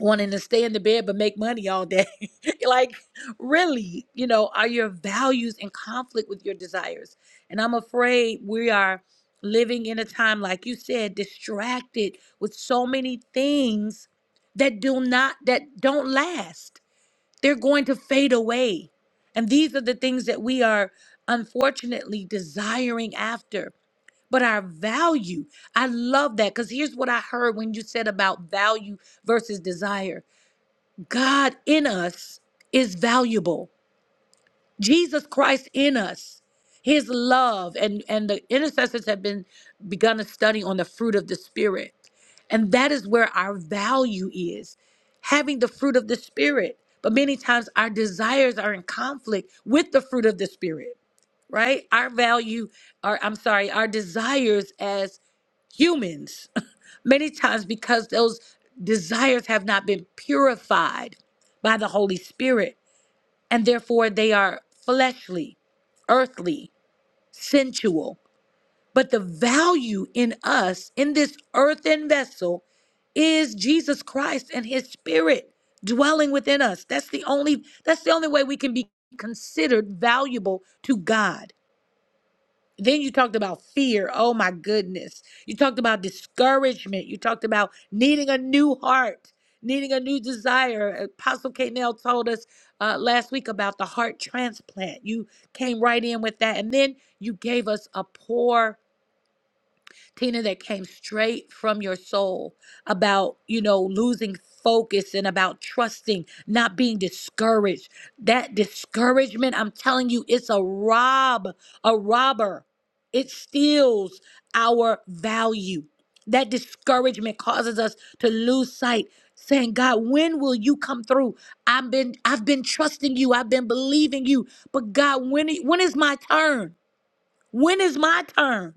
S2: wanting to stay in the bed but make money all day. *laughs* Like, really, you know, are your values in conflict with your desires? And I'm afraid we are living in a time, like you said, distracted with so many things that do not that don't last. They're going to fade away. And these are the things that we are unfortunately desiring after but our value. I love that because here's what I heard when you said about value versus desire God in us is valuable, Jesus Christ in us. His love and and the intercessors have been begun to study on the fruit of the spirit, and that is where our value is, having the fruit of the spirit. But many times our desires are in conflict with the fruit of the spirit right? Our value, or I'm sorry, our desires as humans, *laughs* many times because those desires have not been purified by the Holy Spirit, and therefore they are fleshly, earthly, sensual. But the value in us, in this earthen vessel, is Jesus Christ and his spirit dwelling within us. That's the only that's the only way we can be considered valuable to God then you talked about fear. Oh my goodness. You talked about discouragement. You talked about needing a new heart, needing a new desire. Apostle K. told us uh, last week about the heart transplant. You came right in with that. And then you gave us a pour Tina, that came straight from your soul about, you know, losing focus and about trusting, not being discouraged. That discouragement, I'm telling you, it's a rob, a robber. It steals our value. That discouragement causes us to lose sight, saying, God, when will you come through? I've been, I've been trusting you, I've been believing you. But God, when, when is my turn? When is my turn?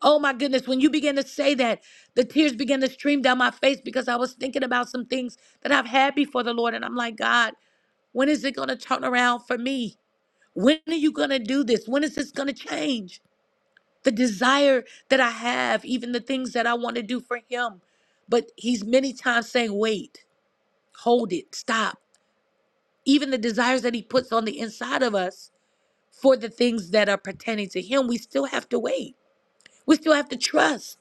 S2: Oh my goodness, when you began to say that, the tears began to stream down my face because I was thinking about some things that I've had before the Lord. And I'm like, God, when is it going to turn around for me? When are you going to do this? When is this going to change? The desire that I have, even the things that I want to do for Him. But He's many times saying, wait, hold it, stop. Even the desires that He puts on the inside of us for the things that are pertaining to Him, we still have to wait. We still have to trust.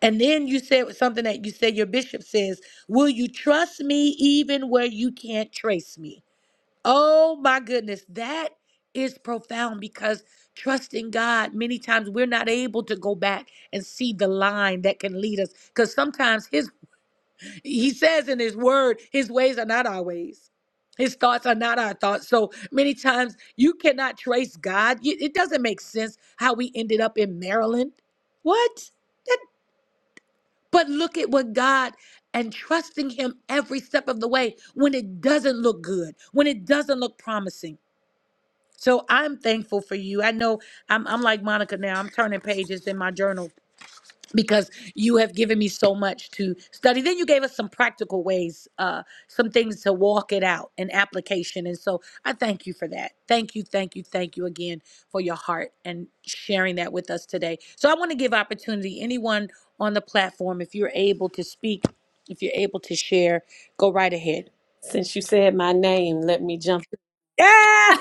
S2: And then you said something that you said your bishop says, Will you trust me even where you can't trace me? Oh my goodness, that is profound because trusting God, many times we're not able to go back and see the line that can lead us. Because sometimes his he says in his word, his ways are not our ways. His thoughts are not our thoughts. So many times you cannot trace God. You- It doesn't make sense how we ended up in Maryland. What? But look at what God and trusting Him every step of the way when it doesn't look good, when it doesn't look promising. So I'm thankful for you. I know I'm, I'm like Monica now. I'm turning pages in my journal because you have given me so much to study. Then you gave us some practical ways, uh, some things to walk it out and application. And so I thank you for that. Thank you, thank you, thank you again for your heart and sharing that with us today. So I want to give opportunity anyone on the platform, if you're able to speak, if you're able to share, go right ahead.
S3: Since you said my name, let me jump
S2: Yeah, *laughs*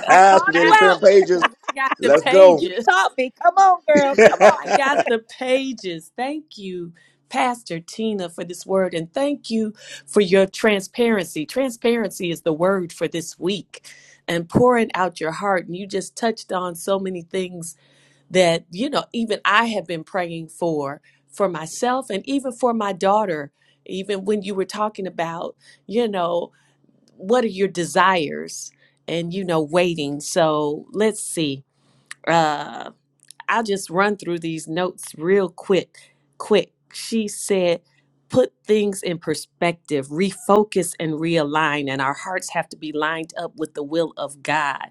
S3: because
S2: I
S3: I
S1: *laughs* She's
S2: called
S1: ready
S2: you
S1: to
S3: got
S1: turn
S2: out.
S1: pages.
S3: because I got the
S1: Let's go.
S2: You
S3: pages.
S2: taught me. Come on, girl.
S1: *laughs*
S2: Come on.
S3: I got
S1: I
S3: the pages. Thank you, Pastor Tina, for this word, and thank you for your transparency. Transparency is the word for this week, and pouring out your heart. And you just touched on so many things that you know even i have been praying for for myself and even for my daughter even when you were talking about you know what are your desires and you know waiting so let's see Uh, I'll just run through these notes real quick. Quick. She said, put things in perspective, refocus and realign. And our hearts have to be lined up with the will of God.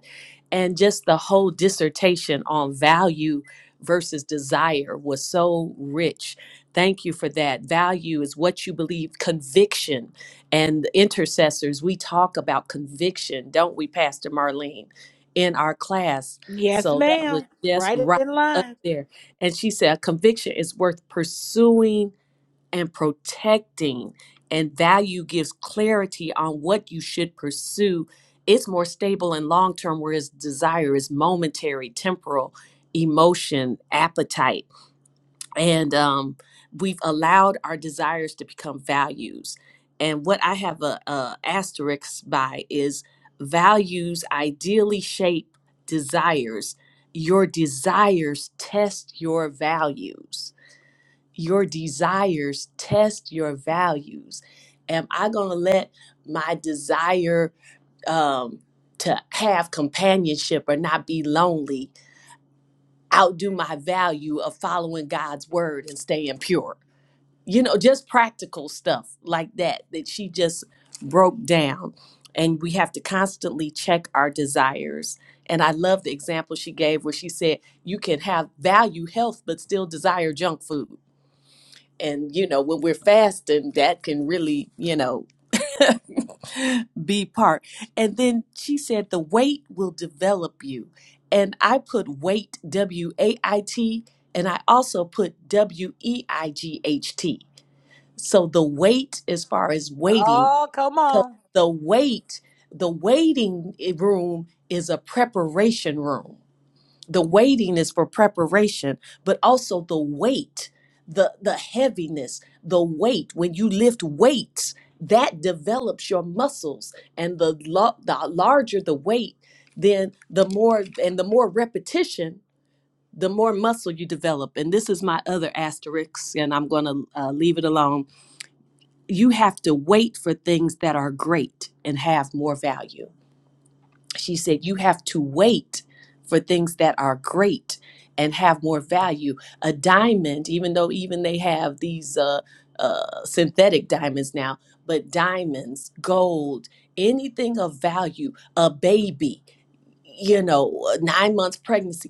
S3: And just the whole dissertation on value versus desire was so rich. Thank you for that. Value is what you believe, conviction. And intercessors, we talk about conviction, don't we, Pastor Marlene, in our class?
S2: Yes,
S3: So that was
S2: ma'am.
S3: just
S2: Right
S3: right
S2: in
S3: up
S2: line.
S3: there. And she said, a conviction is worth pursuing and protecting, and value gives clarity on what you should pursue. It's more stable and long term, whereas desire is momentary, temporal, emotion, appetite and um, we've allowed our desires to become values. And what I have a, a asterisk by is values ideally shape desires. Your desires test your values. Your desires test your values. Am I going to let my desire um, to have companionship or not be lonely outdo my value of following God's word and staying pure? you know, just practical stuff like that that she just broke down. And we have to constantly check our desires. And I love the example she gave where she said you can have value health but still desire junk food. And you know, when we're fasting, that can really, you know, *gasps* be part. And then she said the weight will develop you. And I put weight W A I T and I also put W E I G H T so the wait, as far as waiting,
S2: Oh, come
S3: 'cause
S2: on.
S3: the wait, the waiting eh, room is a preparation room. The waiting is for preparation, but also the weight, the the heaviness, the weight. When you lift weights, that develops your muscles, and the lo- the larger the weight, then the more and the more repetition, the more muscle you develop. And this is my other asterisk, and I'm going to uh, leave it alone you have to wait for things that are great and have more value. She said, You have to wait for things that are great and have more value. A diamond, even though even they have these uh, uh, synthetic diamonds now, but diamonds, gold, anything of value, a baby, you know, a nine months pregnancy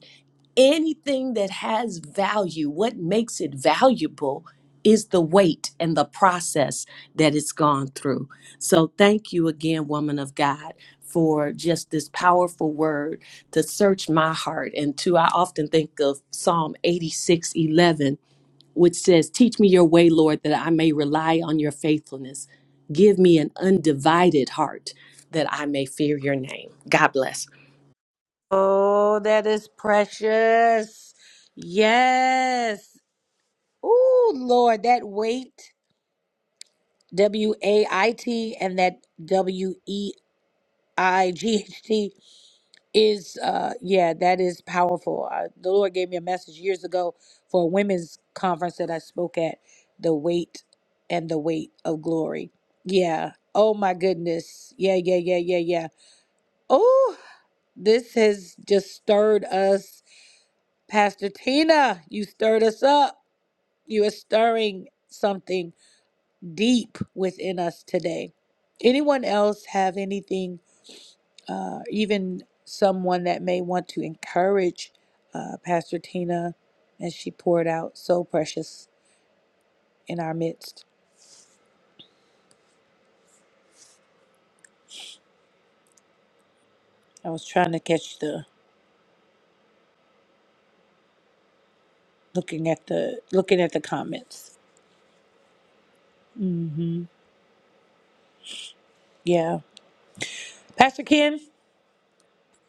S3: anything that has value, what makes it valuable is the weight and the process that it's gone through. So thank you again, woman of God, for just this powerful word to search my heart. And to, I often think of Psalm 86, 11, which says, Teach me your way, Lord, that I may rely on your faithfulness. Give me an undivided heart that I may fear your name. God bless.
S2: Oh, that is precious. Yes. Oh, Lord, that weight, W A I T, and that W E I G H T is, uh, yeah, that is powerful. Uh, the Lord gave me a message years ago for a women's conference that I spoke at the weight and the weight of glory. Yeah. Oh, my goodness. Yeah, yeah, yeah, yeah, yeah. Oh, this has just stirred us Pastor Tina, you stirred us up. You are stirring something deep within us today. Anyone else have anything, uh, even someone that may want to encourage uh, Pastor Tina as she poured out so precious in our midst? I was trying to catch the looking at the looking at the comments. Mm-hmm. Yeah, Pastor Ken.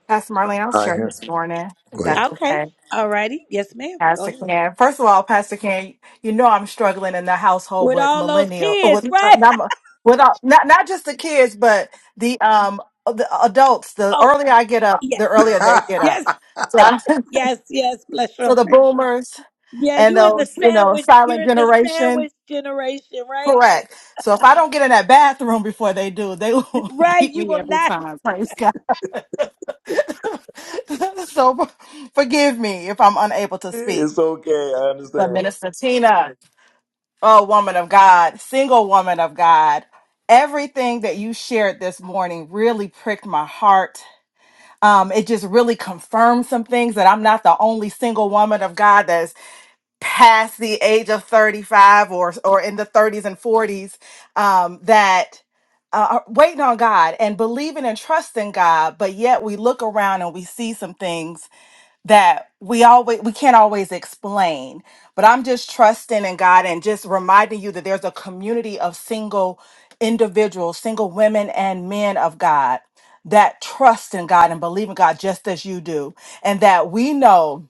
S11: Pastor Marlene, I'll share
S1: hear.
S11: this morning, if
S1: Go
S11: that's
S2: Okay,
S11: okay.
S2: all righty. Yes, ma'am. Go
S11: Pastor
S2: ahead.
S11: Can. First of all, Pastor Can, you know I'm struggling in the household
S2: With
S11: with
S2: all those
S11: millennial, uh,
S2: kids,
S11: with uh,
S2: right? *laughs*
S11: not, mi- with uh, not not just the kids, but the um uh, the adults. The
S2: Oh,
S11: earlier I get up,
S2: yes.
S11: the earlier they
S1: ahead.
S11: get up.
S2: Yes,
S11: So I'm-
S2: yes, yes. Bless
S11: *laughs*
S2: your
S11: so
S2: heart.
S11: the boomers
S2: Yeah,
S11: and
S2: you in the
S11: those you know
S2: sandwich. You're
S11: silent
S2: in the
S11: generation,
S2: sandwich generation, right?
S11: correct. So if I don't get in that bathroom before they do, they will *laughs*
S2: Right.
S11: beat
S2: You
S11: me
S2: will
S11: every
S2: not.
S11: time. Praise God. *laughs* so forgive me if I'm unable
S1: *laughs*
S11: to speak.
S1: it's okay. I
S11: the
S1: understand.
S11: minister Tina, oh woman of God, single woman of God. Everything that you shared this morning really pricked my heart. Um, it just really confirmed some things that I'm not the only single woman of God that's past the age of 35 or or in the 30s and 40s um, that uh, are waiting on God and believing and trusting God, but yet we look around and we see some things that we always we can't always explain but i'm just trusting in god and just reminding you that there's a community of single individuals single women and men of god that trust in god and believe in god just as you do and that we know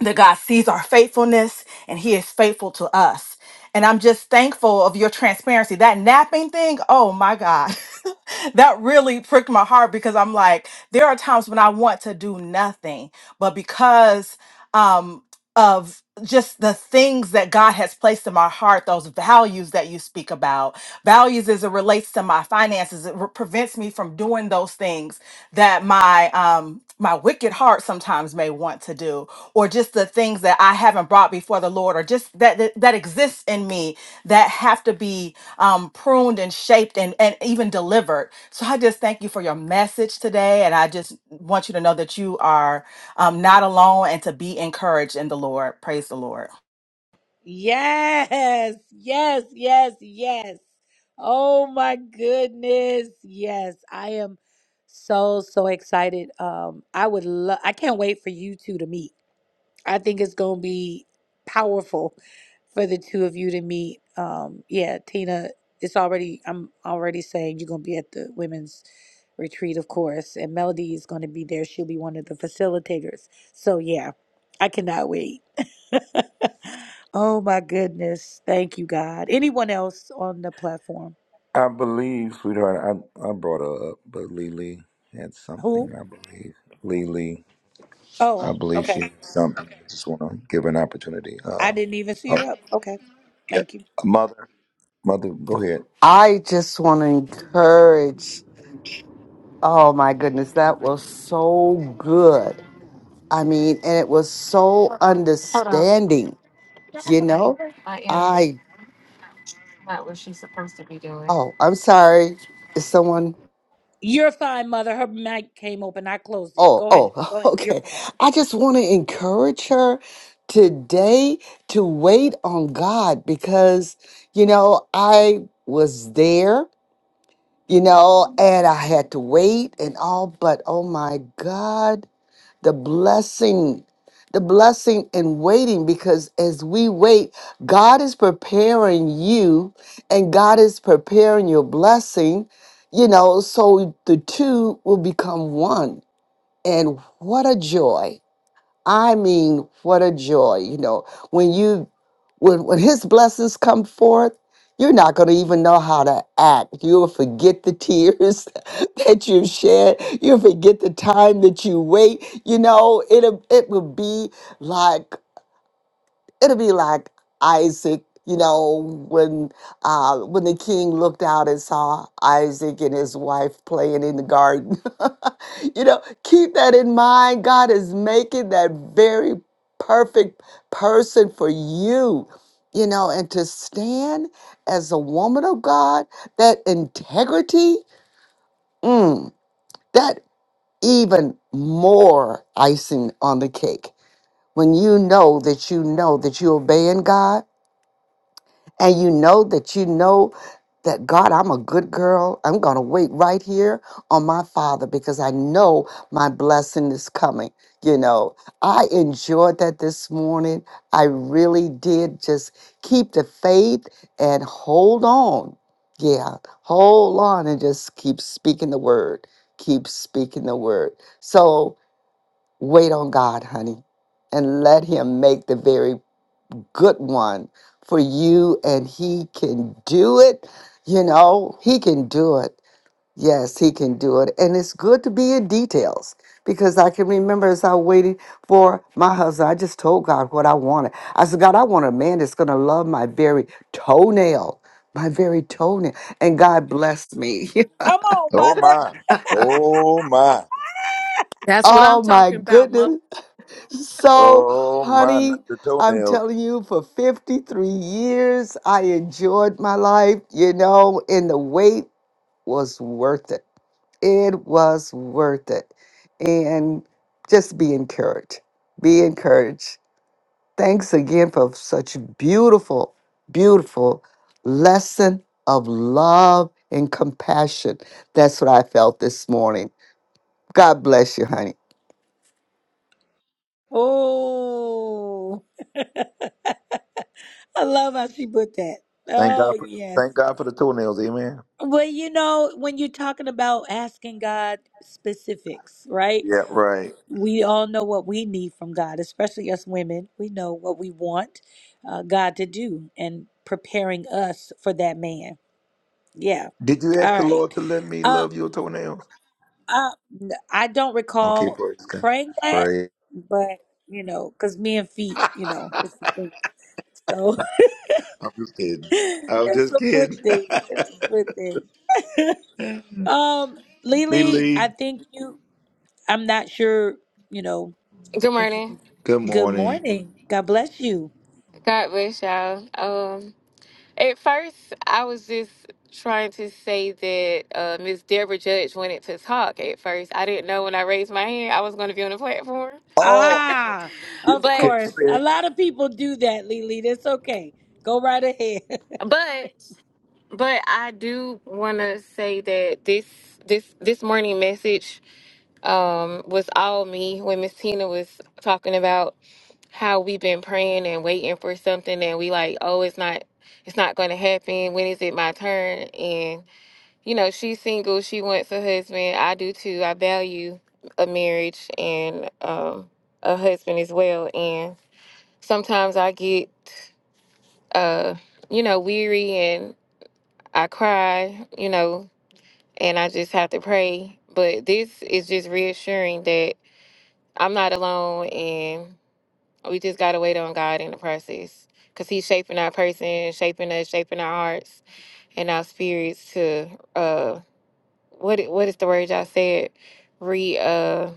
S11: that God sees our faithfulness and He is faithful to us. And I'm just thankful of your transparency. That napping thing, oh my God, *laughs* that really pricked my heart because I'm like, there are times when I want to do nothing, but because. Um, of just the things that God has placed in my heart, those values that you speak about. Values as it relates to my finances, it re- prevents me from doing those things that my um my wicked heart sometimes may want to do, or just the things that I haven't brought before the Lord, or just that that, that exists in me that have to be um, pruned and shaped and and even delivered. So I just thank you for your message today, and I just want you to know that you are um, not alone, and to be encouraged in the Lord. Praise the Lord.
S2: Yes, yes, yes, yes. Oh my goodness. Yes, I am so so excited. Um, I would love. I can't wait for you two to meet. I think it's going to be powerful for the two of you to meet. Um, yeah, Tina, it's already, I'm already saying you're going to be at the women's retreat, of course, and Melody is going to be there. She'll be one of the facilitators. So, yeah, I cannot wait. *laughs* oh, my goodness. Thank you, God. Anyone else on the platform?
S1: I believe, sweetheart. I, I brought her up, but Lily had something.
S2: Who?
S1: I believe Lily. I
S2: Oh,
S1: believe
S2: okay.
S1: she had something. I just want to give her an opportunity.
S2: I
S1: Uh,
S2: didn't even see
S1: oh,
S2: her up. Okay.
S1: yeah,
S2: Thank you.
S1: a mother. Mother, go ahead.
S8: I just want to encourage. Oh my goodness, that was so good. I mean, and it was so
S12: Hold on.
S8: understanding, you know?
S12: I am. That's
S8: I.
S12: not what she's supposed to be doing.
S8: Oh, I'm sorry. Is someone?
S2: You're fine, mother. Her mic came open. I closed it.
S8: Oh,
S2: Go ahead.
S8: oh,
S2: Go
S8: *laughs*
S2: ahead. You're
S8: okay.
S2: fine.
S8: I just want to encourage her today to wait on God because, you know, I was there, you know, and I had to wait and all, but oh my God. the blessing the blessing in waiting because as we wait god is preparing you and god is preparing your blessing you know so the two will become one and what a joy I mean, what a joy, you know, when you when when his blessings come forth, you're not going to even know how to act. You'll forget the tears *laughs* that you've shed. You'll forget the time that you wait. You know, it will it will be like it'll be like Isaac, you know, when uh, when the king looked out and saw Isaac and his wife playing in the garden. *laughs* you know, keep that in mind. God is making that very perfect person for you. You know, and to stand as a woman of God, that integrity, mm, that even more icing on the cake. When you know that you know that you're obeying God and you know that you know that God, I'm a good girl. I'm going to wait right here on my father because I know my blessing is coming. You know, I enjoyed that this morning. I really did just keep the faith and hold on. Yeah, hold on and just keep speaking the word. Keep speaking the word. So wait on God, honey, and let Him make the very good one for you, and He can do it. You know, He can do it. Yes, He can do it. And it's good to be in details because I can remember as I waited for my husband, I just told God what I wanted. I said, God, I want a man that's going to love my very toenail, my very toenail. And God blessed me. *laughs*
S2: Come on,
S1: Oh
S2: mother.
S1: my. Oh my.
S3: That's what I'm
S8: Oh my
S3: talking about,
S8: goodness. So,
S1: Oh my. Not
S8: honey,
S1: the
S8: I'm
S1: toenails.
S8: telling you, for 53 years, I enjoyed my life, you know, and the wait was worth it. It was worth it. And just be encouraged. Be encouraged. Thanks again for such beautiful, beautiful lesson of love and compassion. That's what I felt this morning. God bless you, honey.
S2: Oh, *laughs* I love how she put that.
S1: Thank God
S2: Oh,
S1: for
S2: yes.
S1: thank God for the toenails, amen.
S2: Well, you know, when you're talking about asking God specifics, right?
S1: Yeah, right.
S2: We all know what we need from God, especially us women. We know what we want uh, God to do and preparing us for that man. Yeah.
S1: Did you ask
S2: All
S1: the
S2: right.
S1: Lord to let me
S2: Uh,
S1: love your toenails?
S2: uh, I don't
S1: Okay,
S2: recall
S1: praise God.
S2: praying that,
S1: Praise.
S2: but, you know, because me and feet, you know, it's the thing. So
S1: I'm just kidding.
S2: *laughs*
S1: I was
S2: it's
S1: just
S2: a good
S1: kidding.
S2: thing. It's a good thing. Um,
S1: *laughs* Lee
S2: Lily, I think you, I'm not sure, you know,
S12: Good
S2: if you
S12: morning.
S2: can.
S1: good
S2: Good
S1: morning.
S2: morning. God bless you.
S12: God bless y'all. Um, at first, I was just trying to say that uh, Miss Deborah Judge wanted to talk at first. I didn't know when I raised my hand I was going to be on the platform.
S1: Oh,
S2: Ah, of
S12: But,
S1: okay.
S2: course.
S1: Go
S2: A
S1: ahead.
S2: lot of people do that, Lily. That's okay. Go right ahead.
S12: but, but I do want to say that this. This this morning message um, was all me when Miss Tina was talking about how we've been praying and waiting for something and we like oh it's not it's not going to happen when is it my turn and you know she's single she wants a husband i do too i value a marriage and um a husband as well and sometimes i get uh you know weary and i cry you know and i just have to pray but this is just reassuring that i'm not alone and. We just gotta wait on God in the process, cause He's shaping our person, shaping us, shaping our hearts and our spirits to uh, what i- what is the word y'all said? Re uh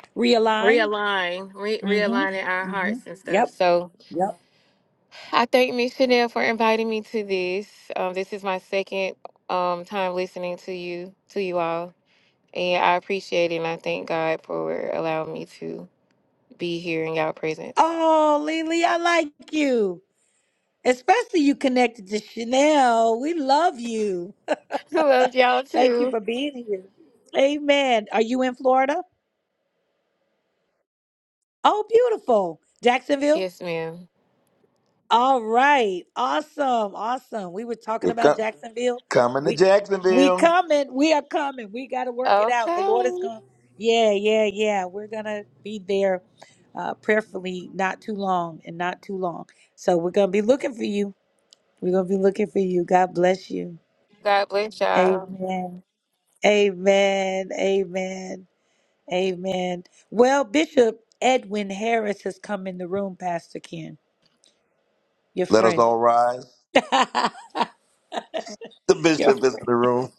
S2: *laughs* Realign.
S12: realign, re- realigning our
S2: Mm-hmm. Mm-hmm.
S12: hearts and stuff.
S2: Yep.
S12: So,
S2: Yep.
S12: I thank Miss Chanel for inviting me to this. Um, this is my second um time listening to you to you all, and I appreciate it. and I thank God for allowing me to be here in y'all presence.
S2: Oh, Lily, I like you. Especially you connected to Chanel. We love you.
S12: *laughs* Love y'all
S2: Thank you
S12: too.
S2: for being here. Amen. Are you in Florida? Oh, beautiful. Jacksonville?
S12: Yes, ma'am.
S2: All right. Awesome. Awesome. We were talking
S1: We're
S2: about
S1: co-
S2: Jacksonville.
S1: coming to
S2: We we
S1: Jacksonville.
S2: coming. We are coming. We got to work it out. The Lord is
S12: Okay.
S2: going. Yeah, yeah, yeah. We're going to be there uh prayerfully not too long and not too long. So we're going to be looking for you. We're going to be looking for you. God bless you.
S12: God bless y'all.
S2: Amen. Amen. Amen. Amen. Well, Bishop Edwin Harris has come in the room, Pastor Ken, your
S1: Let us
S2: friend.
S1: all rise.
S2: *laughs* your
S1: The bishop is in
S2: friend,
S1: the room.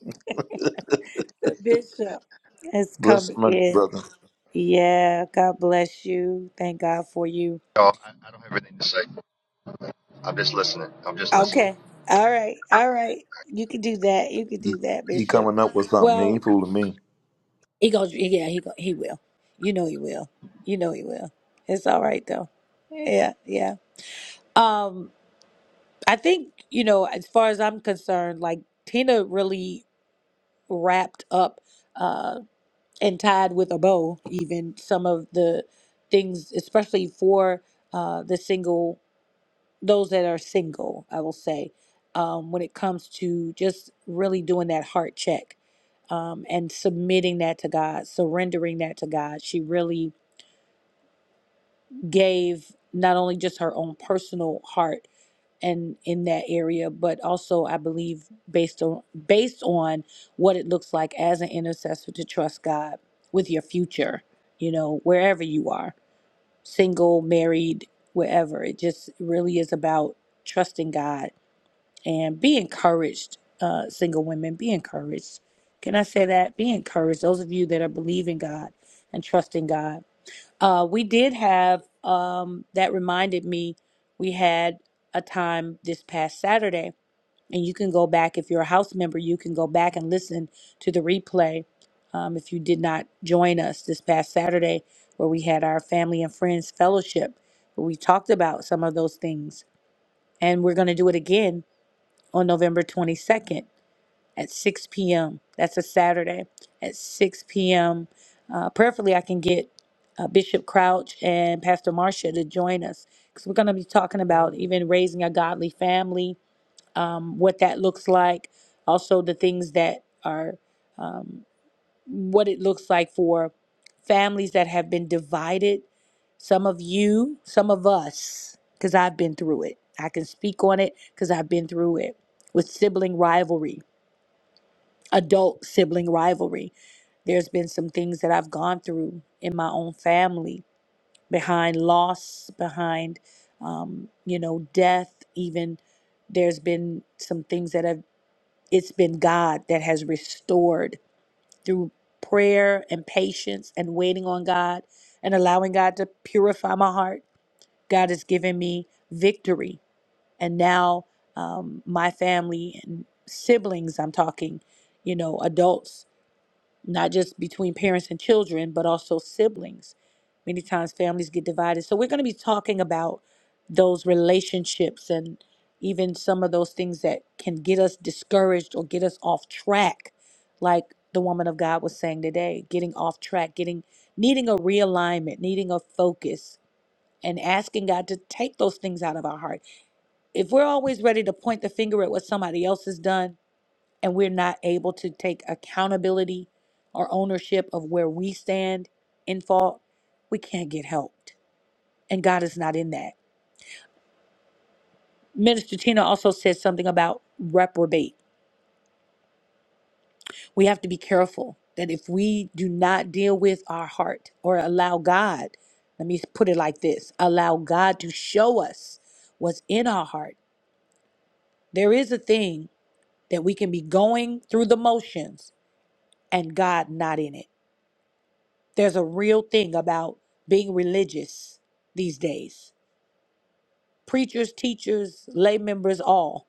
S2: Bishop, has come
S1: Bless my
S2: in.
S1: brother.
S2: Yeah, God bless you. Thank God for you.
S13: y'all. I, I don't have anything to say. I'm just listening. I'm just listening.
S2: Okay. All right. All right. You can do that. You can do that,
S1: He
S2: Bishop.
S1: coming up with something. He
S2: Well,
S1: ain't fooling me.
S2: he goes, yeah, he go, he will. You know he will. You know he will. It's all right though. Yeah, yeah. Um, I think, you know, as far as I'm concerned, like Tina really wrapped up uh, and tied with a bow, even some of the things, especially for uh, the single, those that are single, I will say, um, when it comes to just really doing that heart check um, and submitting that to God, surrendering that to God. She really gave not only just her own personal heart and in that area but also i believe based on based on what it looks like as an intercessor to trust god with your future you know wherever you are single married wherever it just really is about trusting god and be encouraged uh single women be encouraged can i say that be encouraged those of you that are believing god and trusting god uh, we did have, um, that reminded me, we had a time this past Saturday, and you can go back, if you're a house member, you can go back and listen to the replay um, if you did not join us this past Saturday, where we had our family and friends fellowship, where we talked about some of those things. And we're going to do it again on November 22nd at 6 p.m. That's a Saturday at 6 p.m. Uh, prayerfully, I can get uh, Bishop Crouch and Pastor Marcia to join us because we're going to be talking about even raising a godly family, um, what that looks like, also the things that are um, what it looks like for families that have been divided. Some of you, some of us, because I've been through it. I can speak on it because I've been through it with sibling rivalry adult sibling rivalry. There's been some things that I've gone through in my own family behind loss, behind, um, you know, death, even. There's been some things that have, it's been God that has restored through prayer and patience and waiting on God and allowing God to purify my heart. God has given me victory. And now um, my family and siblings, I'm talking, you know, adults not just between parents and children, but also siblings. Many times families get divided. So we're going to be talking about those relationships and even some of those things that can get us discouraged or get us off track, like the woman of God was saying today, getting off track, getting needing a realignment, needing a focus. And asking God to take those things out of our heart. If we're always ready to point the finger at what somebody else has done, and we're not able to take accountability or ownership of where we stand in fault, we can't get helped. And God is not in that. Minister Tina also said something about reprobate. We have to be careful that if we do not deal with our heart or allow God, let me put it like this allow God to show us what's in our heart. There is a thing that we can be going through the motions and God not in it. There's a real thing about being religious these days. Preachers, teachers, lay members, all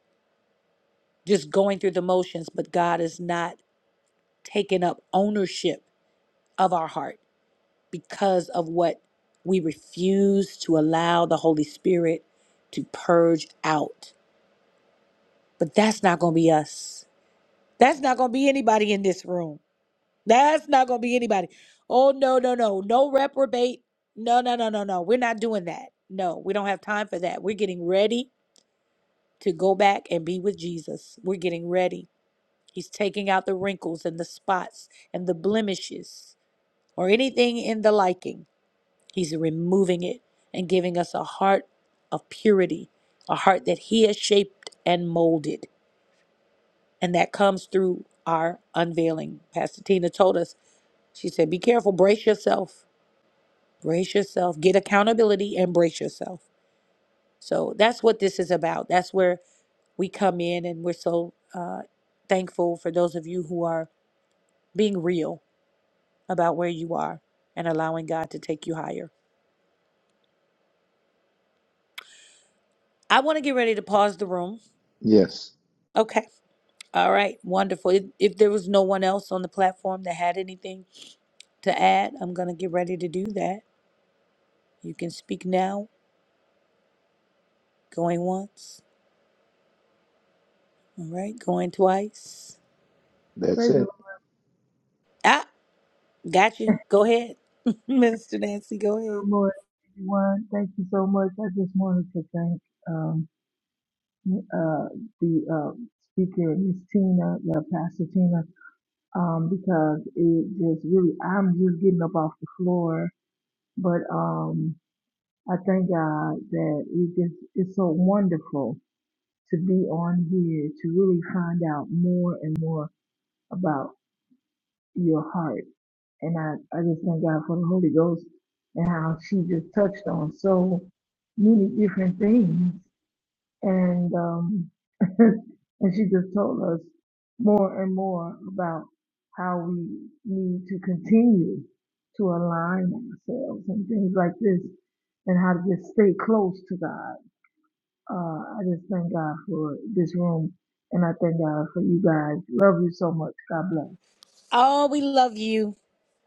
S2: just going through the motions, but God is not taking up ownership of our heart because of what we refuse to allow the Holy Spirit to purge out. But that's not going to be us. That's not going to be anybody in this room. That's not going to be anybody. Oh, no, no, no. No reprobate. No, no, no, no, no. We're not doing that. No, we don't have time for that. We're getting ready to go back and be with Jesus. We're getting ready. He's taking out the wrinkles and the spots and the blemishes or anything in the liking. He's removing it and giving us a heart of purity, a heart that He has shaped and molded. And that comes through our unveiling. Pastor Tina told us, she said, Be careful, brace yourself Brace yourself, get accountability, and brace yourself. So that's what this is about. That's where we come in, and we're so uh, thankful for those of you who are being real about where you are and allowing God to take you higher. I want to get ready to pause the room.
S1: Yes,
S2: Okay. All right. Wonderful. If, if there was no one else on the platform that had anything to add, I'm going to get ready to do that. You can speak now, going once. All right. Going twice.
S1: that's
S7: Praise the Lord.
S1: it.
S2: Ah. Got you. Go ahead. *laughs* Minister Nancy, go ahead.
S7: Good morning, everyone. Thank you so much. I just wanted to thank um, uh, the uh, speaker, Miss Tina, yeah, Pastor Tina, um, because it just really, I'm just getting up off the floor. But um, I thank God that it just, it's so wonderful to be on here to really find out more and more about your heart And I, I just thank God for the Holy Ghost and how she just touched on so many different things. And um, *laughs* and she just told us more and more about how we need to continue to align ourselves and things like this and how to just stay close to God. Uh, I just thank God for this room and I thank God for you guys. Love you so much. God bless.
S2: Oh, we love you.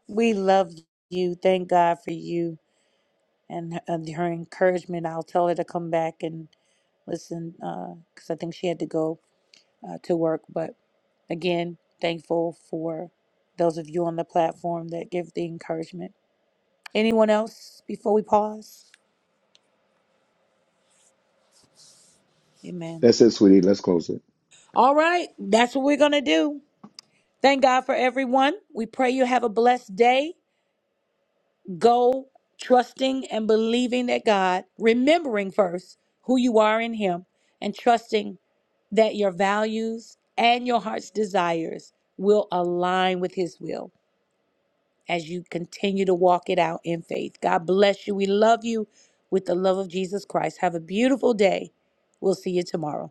S2: We love you. Thank God for you and her, her encouragement. I'll tell her to come back and listen because I think she had to go uh, to work. But again, thankful for those of you on the platform that give the encouragement. Anyone else before we pause? Amen.
S1: That's it, sweetie. Let's close it.
S2: All right, that's what we're going to do. Thank God for everyone. We pray you have a blessed day. Go trusting and believing that God, remembering first who you are in Him, and trusting that your values and your heart's desires will align with His will as you continue to walk it out in faith. God bless you. We love you with the love of Jesus Christ. Have a beautiful day. We'll see you tomorrow.